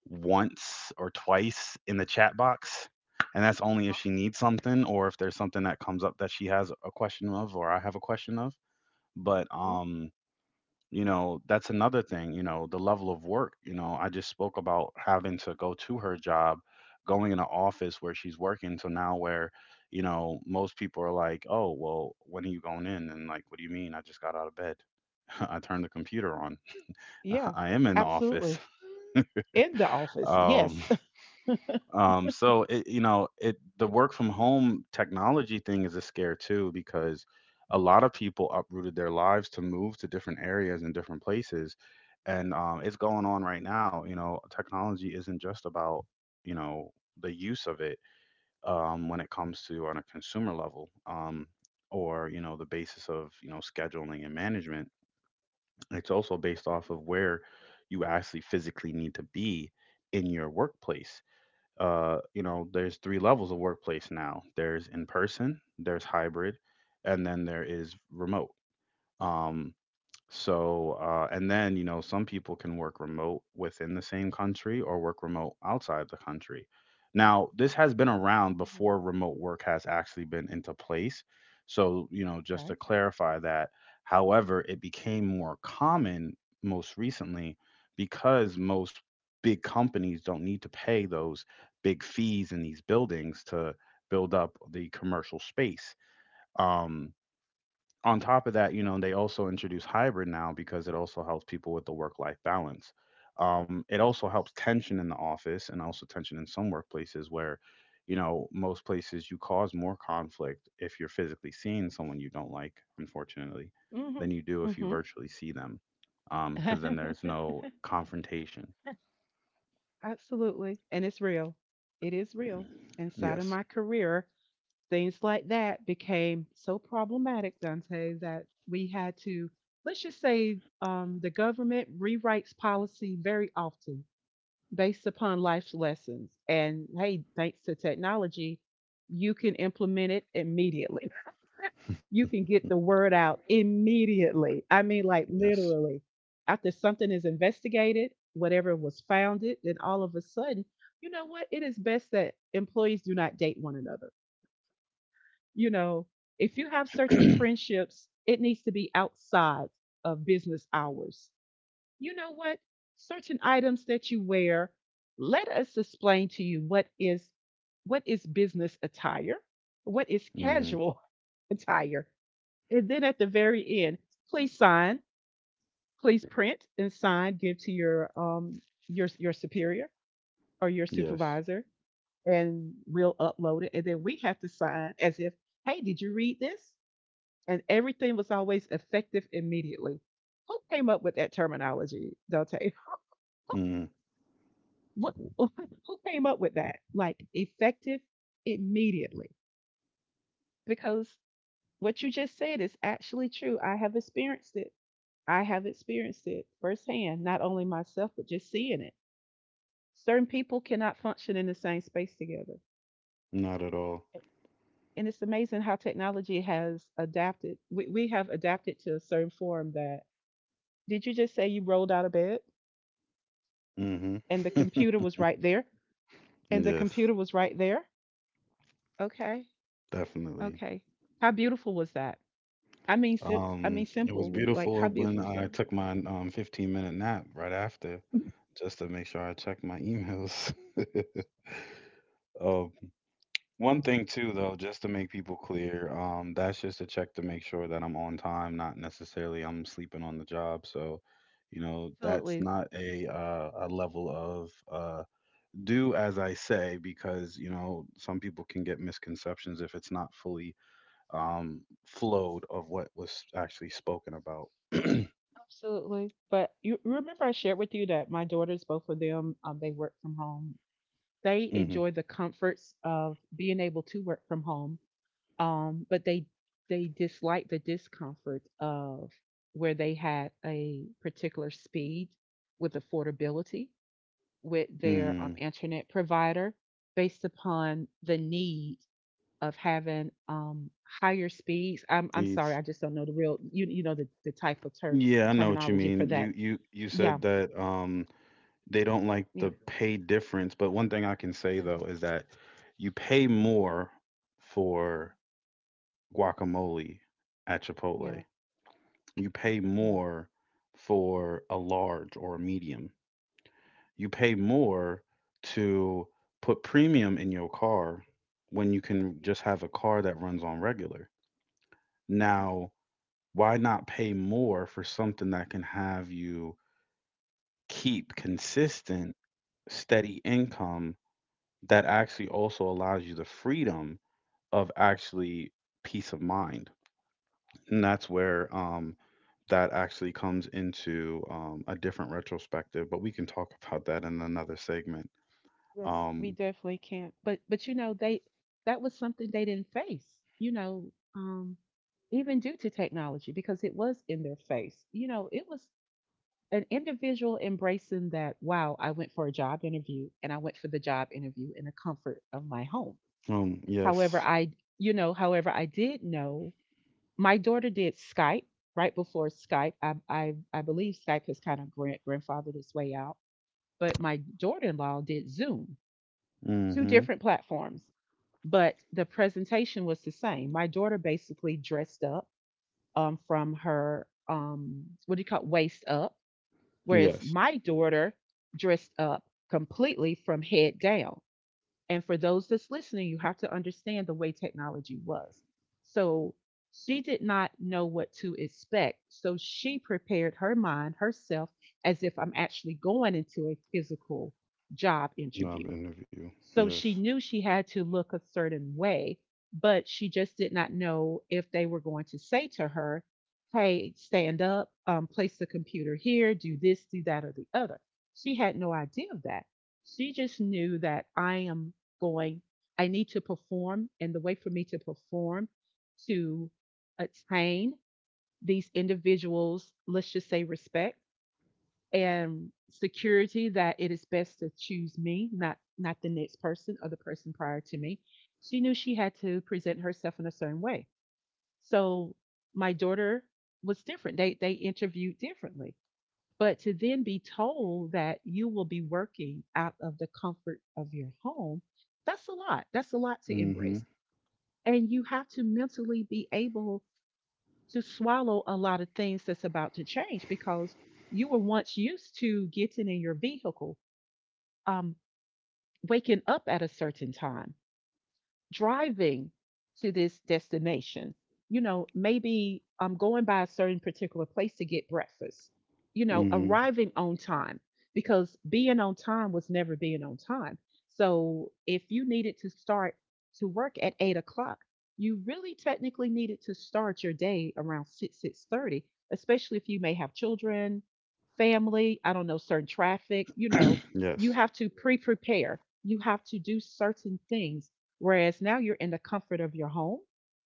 Speaker 1: once or twice in the chat box. And that's only if she needs something or if there's something that comes up that she has a question of or I have a question of. But you know, that's another thing. You know, the level of work, you know, I just spoke about having to go to her job, going in an office where she's working. So now where, you know, most people are like, oh well, when are you going in? And like, what do you mean? I just got out of bed, I turned the computer on,
Speaker 2: yeah,
Speaker 1: I am in the office.
Speaker 2: absolutely. In the office.
Speaker 1: Um,
Speaker 2: Yes.
Speaker 1: so it, you know, it, the work from home technology thing is a scare too, because a lot of people uprooted their lives to move to different areas and different places, and, it's going on right now. You know, technology isn't just about, you know, the use of it, when it comes to on a consumer level. Or you know, the basis of, you know, scheduling and management. It's also based off of where you actually physically need to be in your workplace. You know, there's three levels of workplace now. There's in person, there's hybrid, and then there is remote. Um, so, and then, you know, some people can work remote within the same country or work remote outside the country. Now, this has been around before remote work has actually been into place. So, you know, just to clarify that. However, it became more common most recently because most big companies don't need to pay those big fees in these buildings to build up the commercial space. Um, on top of that, you know, they also introduce hybrid now because it also helps people with the work life balance. It also helps tension in the office and also tension in some workplaces where, you know, most places you cause more conflict if you're physically seeing someone you don't like, unfortunately, than you do if you virtually see them. Because then there's no confrontation.
Speaker 2: Absolutely. And it's real. It is real. Inside of
Speaker 1: Yes.
Speaker 2: my career, things like that became so problematic, Dante, that we had to, let's just say, the government rewrites policy very often. Based upon life's lessons. And hey, thanks to technology, you can implement it immediately. You can get the word out immediately. I mean, like
Speaker 1: Yes.
Speaker 2: literally, after something is investigated, whatever was founded, then all of a sudden, you know what? It is best that employees do not date one another. You know, if you have certain friendships, it needs to be outside of business hours. You know what? Certain items that you wear, let us explain to you what is business attire, what is
Speaker 1: Hmm.
Speaker 2: casual attire. And then at the very end, please sign, please print and sign, give to your superior or your
Speaker 1: Yes.
Speaker 2: supervisor and we'll upload it. And then we have to sign as if, hey, did you read this? And everything was always effective immediately. Who came up with that terminology, Dante? Who
Speaker 1: Hmm.
Speaker 2: who came up with that? Like effective immediately. Because what you just said is actually true. I have experienced it. I have experienced it firsthand, not only myself, but just seeing it. Certain people cannot function in the same space together.
Speaker 1: Not at all.
Speaker 2: And it's amazing how technology has adapted. We have adapted to a certain form that, did you just say you rolled out of bed
Speaker 1: Hmm.
Speaker 2: and the computer was right there? And the
Speaker 1: yes.
Speaker 2: computer was right there? Okay,
Speaker 1: Definitely.
Speaker 2: okay. How beautiful was that? I mean,
Speaker 1: It was
Speaker 2: simply like how
Speaker 1: beautiful when
Speaker 2: beautiful is
Speaker 1: I
Speaker 2: that?
Speaker 1: took my, 15-minute nap right after, just to make sure I checked my emails. Um, One thing too, though, just to make people clear, that's just to check to make sure that I'm on time, not necessarily I'm sleeping on the job. So, you know, that's not a a level of do as I say, because you know some people can get misconceptions if it's not fully flowed of what was actually spoken about.
Speaker 2: But you remember I shared with you that my daughters, both of them, they work from home. They enjoy the comforts of being able to work from home, but they dislike the discomfort of where they had a particular speed with affordability with their
Speaker 1: Hmm.
Speaker 2: internet provider based upon the need of having higher speeds. I'm sorry,
Speaker 1: Jeez.
Speaker 2: I just don't know the real the type of
Speaker 1: Yeah, I know what you
Speaker 2: terminology for
Speaker 1: mean.
Speaker 2: that.
Speaker 1: You you
Speaker 2: Yeah,
Speaker 1: said that they don't like
Speaker 2: yeah,
Speaker 1: the pay difference, but one thing I can say though is that you pay more for guacamole at Chipotle. You pay
Speaker 2: yeah.
Speaker 1: more for a large or a medium. You pay more to put premium in your car when you can just have a car that runs on regular. Now, why not pay more for something that can have you keep consistent, steady income that actually also allows you the freedom of actually peace of mind. And that's where, that actually comes into, a different retrospective, but we can talk about that in another segment.
Speaker 2: Yes, we
Speaker 1: Um,
Speaker 2: definitely can't. But you know they that was something they didn't face. You know, um, Even due to technology because it was in their face. It was an individual embracing that. Wow, I went for a job interview and I went for the job interview in the comfort of my home. However,
Speaker 1: yes.
Speaker 2: I did know my daughter did Skype right before Skype. I believe Skype has kind of grandfathered its way out, but my daughter-in-law did Zoom, two
Speaker 1: Mm-hmm.
Speaker 2: different platforms, but the presentation was the same. My daughter basically dressed up from her what do you call it, waist up, whereas
Speaker 1: Yes.
Speaker 2: my daughter dressed up completely from head down. And for those that's listening, you have to understand the way technology was. So she did not know what to expect. So she prepared her mind, herself, as if I'm actually going into a physical job
Speaker 1: Knob
Speaker 2: interview.
Speaker 1: interview.
Speaker 2: So
Speaker 1: Yes.
Speaker 2: she knew she had to look a certain way, but she just did not know if they were going to say to her, hey, stand up, place the computer here, do this, do that, or the other. She had no idea of that. She just knew that I am going, I need to perform, and the way for me to perform to attain these individuals, let's just say respect, and security that it is best to choose me, not the next person or the person prior to me. She knew she had to present herself in a certain way. So my daughter was different. They interviewed differently. But to then be told that you will be working out of the comfort of your home, that's a lot. That's a lot to
Speaker 1: Mm-hmm.
Speaker 2: embrace. And you have to mentally be able to swallow a lot of things that's about to change because you were once used to getting in your vehicle, um, waking up at a certain time driving to this destination. You know, maybe I'm going by a certain particular place to get breakfast. You know,
Speaker 1: Mm-hmm.
Speaker 2: arriving on time because being on time was never being on time. So if you needed to start to work at 8 o'clock, you really technically needed to start your day around six thirty, especially if you may have children, family. I don't know certain traffic. You know, you
Speaker 1: yes.
Speaker 2: have to prepare. You have to do certain things. Whereas now you're in the comfort of your home,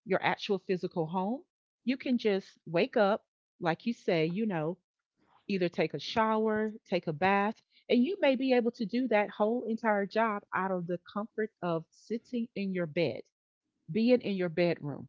Speaker 2: your actual physical home. You can just wake up, like you say, you know, either take a shower, take a bath, and you may be able to do that whole entire job out of the comfort of sitting in your bed, being in your bedroom,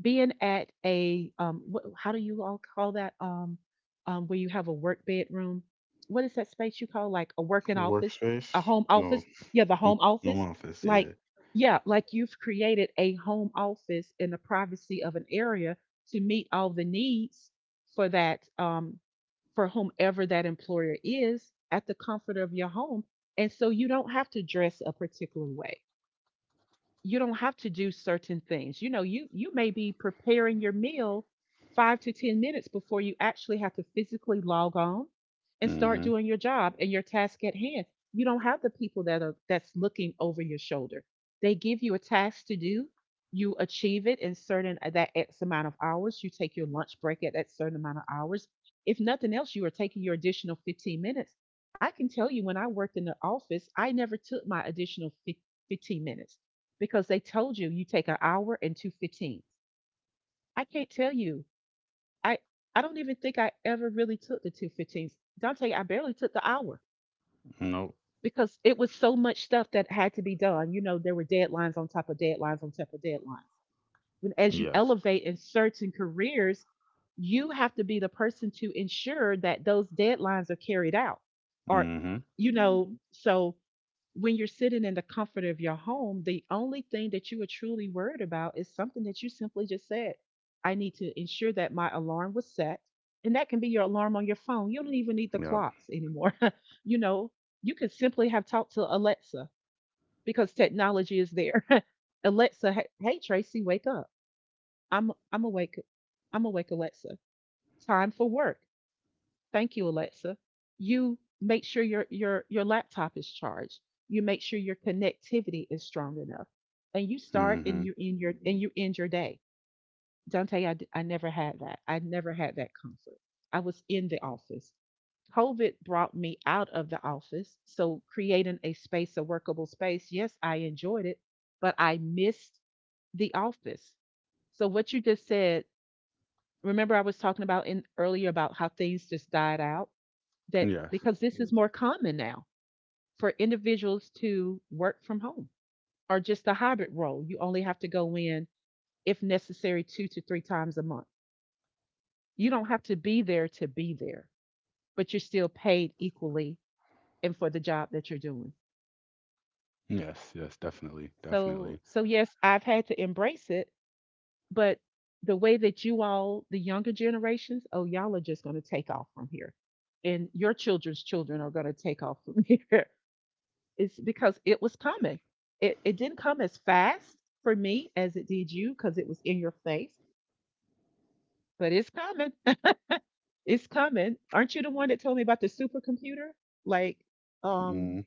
Speaker 2: being at a how do you all call that where you have a work bedroom, what is that space you call, like a working office, a
Speaker 1: Workspace?
Speaker 2: home
Speaker 1: No.
Speaker 2: office? Yeah, the home
Speaker 1: No
Speaker 2: office.
Speaker 1: office.
Speaker 2: Like,
Speaker 1: Yeah.
Speaker 2: yeah, like you've created a home office in the privacy of an area to meet all the needs for that for whomever that employer is, at the comfort of your home. And so you don't have to dress a particular way, you don't have to do certain things. You know, you may be preparing your meal 5 to 10 minutes before you actually have to physically log on and start
Speaker 1: Mm-hmm.
Speaker 2: doing your job and your task at hand. You don't have the people that are that's looking over your shoulder. They give you a task to do, you achieve it in certain that X amount of hours, you take your lunch break at that certain amount of hours. If nothing else, you are taking your additional 15 minutes. I can tell you, when I worked in the office, I never took my additional 15 minutes because they told you you take an hour and two fifteens. I can't tell you. I I don't even think I ever really took the two fifteens. Dante, I barely took the hour
Speaker 1: Nope.
Speaker 2: because it was so much stuff that had to be done. You know, there were deadlines on top of deadlines on top of deadlines. When, as you
Speaker 1: Yes.
Speaker 2: elevate in certain careers, you have to be the person to ensure that those deadlines are carried out. Or,
Speaker 1: Hmm.
Speaker 2: you know, so when you're sitting in the comfort of your home, the only thing that you are truly worried about is something that you simply just said. I need to ensure that my alarm was set. And that can be your alarm on your phone. You don't even need the
Speaker 1: Yep.
Speaker 2: clocks anymore. You know, you can simply have talked to Alexa, because technology is there. Alexa, hey, hey Tracy, wake up. I'm awake. I'm awake, Alexa. Time for work. Thank you, Alexa. You make sure your laptop is charged. You make sure your connectivity is strong enough, and you start
Speaker 1: Hmm.
Speaker 2: and you end your and you end your day. Dante, I never had that. I never had that comfort. I was in the office. COVID brought me out of the office, so creating a space, a workable space. Yes, I enjoyed it, but I missed the office. So what you just said, remember I was talking about in earlier about how things just died out, that
Speaker 1: Yes.
Speaker 2: because this is more common now for individuals to work from home, or just a hybrid role. You only have to go in, if necessary, two to three times a month. You don't have to be there, but you're still paid equally and for the job that you're doing.
Speaker 1: Yes. Yes. Definitely. Definitely.
Speaker 2: So, yes, I've had to embrace it, but the way that you all, the younger generations, oh, y'all are just going to take off from here. And your children's children are going to take off from here. It's because it was coming. It didn't come as fast for me as it did you because it was in your face, but it's coming. It's coming. Aren't you the one that told me about the supercomputer? Like, um,
Speaker 1: Mm-hmm.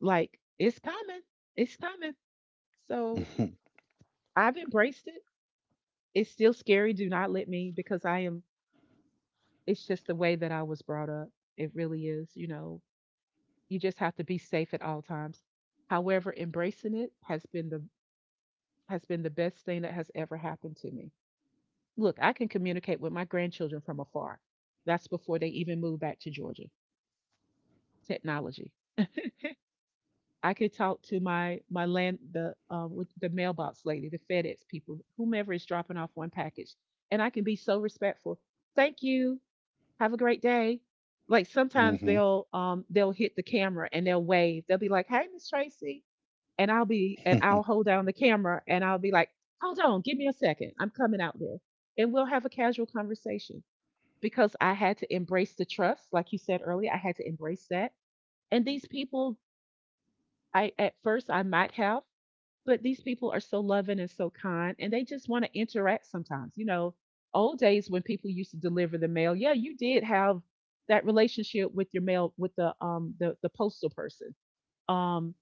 Speaker 2: like it's coming. It's coming. So I've embraced it. It's still scary. Do not let me, because I am. It's just the way that I was brought up. It really is. You know, you just have to be safe at all times. However, embracing it has been the best thing that has ever happened to me. Look, I can communicate with my grandchildren from afar. That's before they even move back to Georgia. Technology. I could talk to my my land the with the mailbox lady, the FedEx people, whomever is dropping off one package, and I can be so respectful. Thank you. Have a great day. Like sometimes
Speaker 1: Hmm.
Speaker 2: they'll hit the camera and they'll wave. They'll be like, "Hey, Miss Tracy," and I'll be and I'll hold down the camera and I'll be like, "Hold on, give me a second. I'm coming out there," and we'll have a casual conversation. Because I had to embrace the trust, like you said earlier, I had to embrace that. And these people, I, at first I might have, but these people are so loving and so kind, and they just want to interact sometimes. You know, old days when people used to deliver the mail, yeah, you did have that relationship with your mail, with the postal person. Um,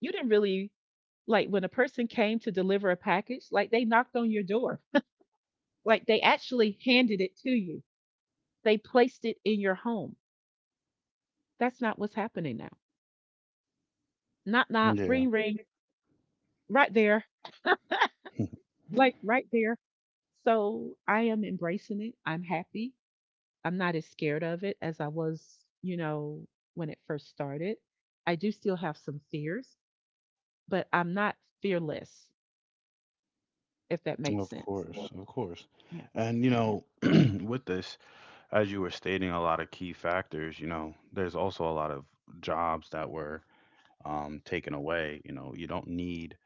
Speaker 2: you didn't really, like when a person came to deliver a package, like they knocked on your door, like they actually handed it to you. They placed it in your home. That's not what's happening now. Not
Speaker 1: Yeah.
Speaker 2: ring ring right there, like right there. So I am embracing it. I'm happy. I'm not as scared of it as I was, you know, when it first started. I do still have some fears, but I'm not fearless, if that makes
Speaker 1: Of
Speaker 2: sense.
Speaker 1: course, of course.
Speaker 2: Yeah,
Speaker 1: And you
Speaker 2: yeah.
Speaker 1: know, with this, as you were stating a lot of key factors, you know, there's also a lot of jobs that were, taken away. You know, you don't need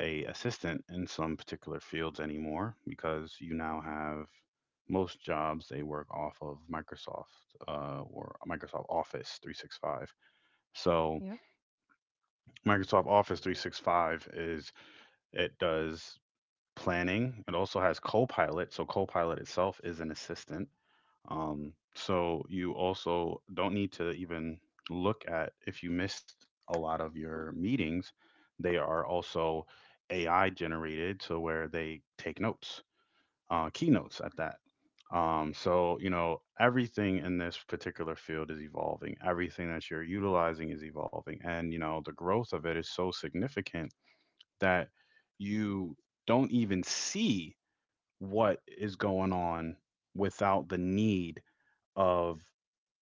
Speaker 1: a assistant in some particular fields anymore because you now have most jobs they work off of Microsoft, or Microsoft Office 365. So Microsoft Office 365 is, it does planning. It also has Copilot. So Copilot itself is an assistant. So you also don't need to even look at if you missed a lot of your meetings. They are also AI generated to where they take notes, keynotes at that. So you know, everything in this particular field is evolving. Everything that you're utilizing is evolving, and you know the growth of it is so significant that you don't even see what is going on without the need of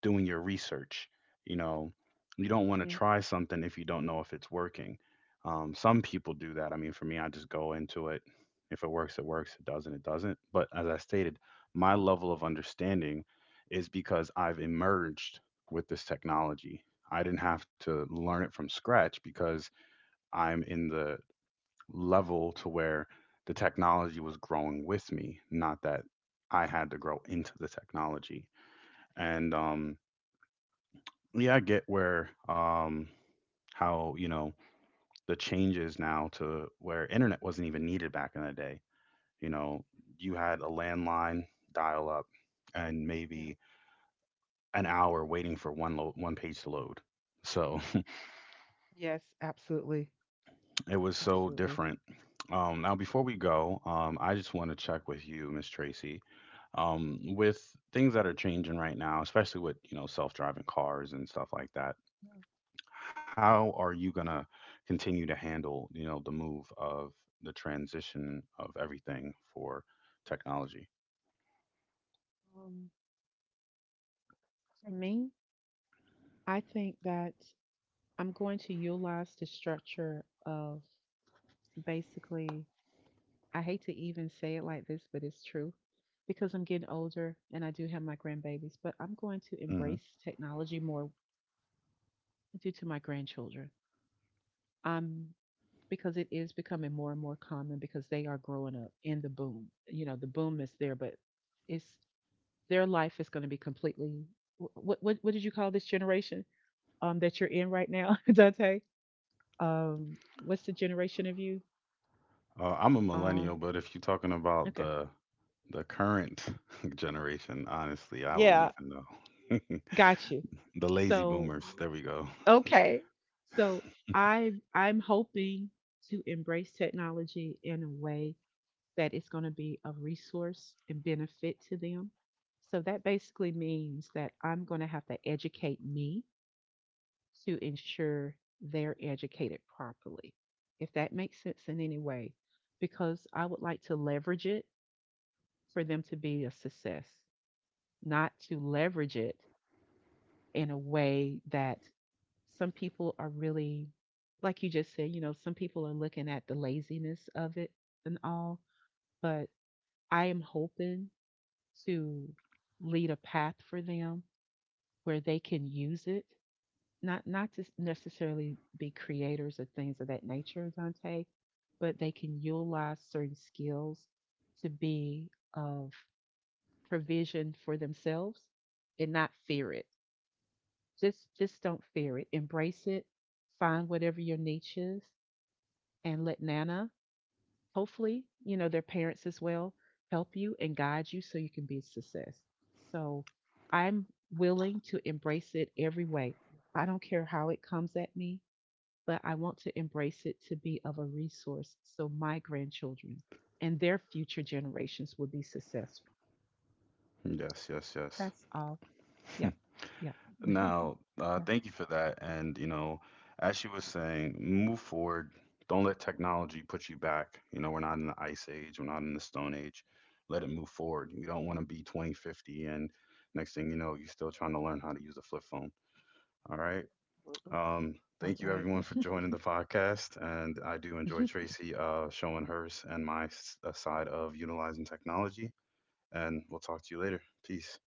Speaker 1: doing your research. You know, you don't want to try something if you don't know if it's working. Some people do that. I mean, for me, I just go into it. If it works, it works. It doesn't, it doesn't. But as I stated, my level of understanding is because I've emerged with this technology. I didn't have to learn it from scratch because I'm in the level to where the technology was growing with me, not that I had to grow into the technology. And, yeah, I get where how, you know, the changes now to where internet wasn't even needed back in the day. You know, you had a landline, dial up, and maybe an hour waiting for one page to load. So it was so different. Now, before we go, I just want to check with you, Miss Tracy. With things that are changing right now, especially with, you know, self-driving cars and stuff like that, how are you going to continue to handle, you know, the move of the transition of everything for technology?
Speaker 2: Um, for me, I think that I'm going to utilize the structure of, basically, I hate to even say it like this, but it's true, because I'm getting older and I do have my grandbabies, but I'm going to
Speaker 1: Hmm.
Speaker 2: embrace technology more due to my grandchildren. Um, because it is becoming more and more common, because they are growing up in the boom. You know, the boom is there, but it's, their life is going to be completely. What did you call this generation, um, that you're in right now, Dante? Um, what's the generation of you?
Speaker 1: I'm a millennial,
Speaker 2: Um,
Speaker 1: but if you're talking about
Speaker 2: okay.
Speaker 1: the current generation, honestly I don't
Speaker 2: Yeah,
Speaker 1: even know.
Speaker 2: got you.
Speaker 1: The lazy
Speaker 2: So,
Speaker 1: boomers, there we go.
Speaker 2: okay. So I'm hoping to embrace technology in a way that it's going to be a resource and benefit to them. So that basically means that I'm going to have to educate me to ensure they're educated properly, if that makes sense in any way, because I would like to leverage it for them to be a success, not to leverage it in a way that some people are really, like you just said, you know, some people are looking at the laziness of it and all, but I am hoping to lead a path for them where they can use it, not to necessarily be creators or things of that nature, Dante, but they can utilize certain skills to be of provision for themselves and not fear it. Just don't fear it. Embrace it. Find whatever your niche is, and let Nana, hopefully, you know, their parents as well, help you and guide you so you can be a success. So I'm willing to embrace it every way. I don't care how it comes at me, but I want to embrace it to be of a resource so my grandchildren and their future generations will be successful.
Speaker 1: Yes, yes, yes.
Speaker 2: That's all. Yeah. Yeah.
Speaker 1: Now,
Speaker 2: Yeah.
Speaker 1: thank you for that. And, you know, as she was saying, move forward. Don't let technology put you back. You know, we're not in the ice age, we're not in the stone age. Let it move forward. You don't want to be 2050 and next thing you know, you're still trying to learn how to use a flip phone. All right. Um,
Speaker 2: All
Speaker 1: Thank you
Speaker 2: right.
Speaker 1: everyone for joining the podcast. And I do enjoy Tracy, showing hers and my side of utilizing technology. And we'll talk to you later. Peace.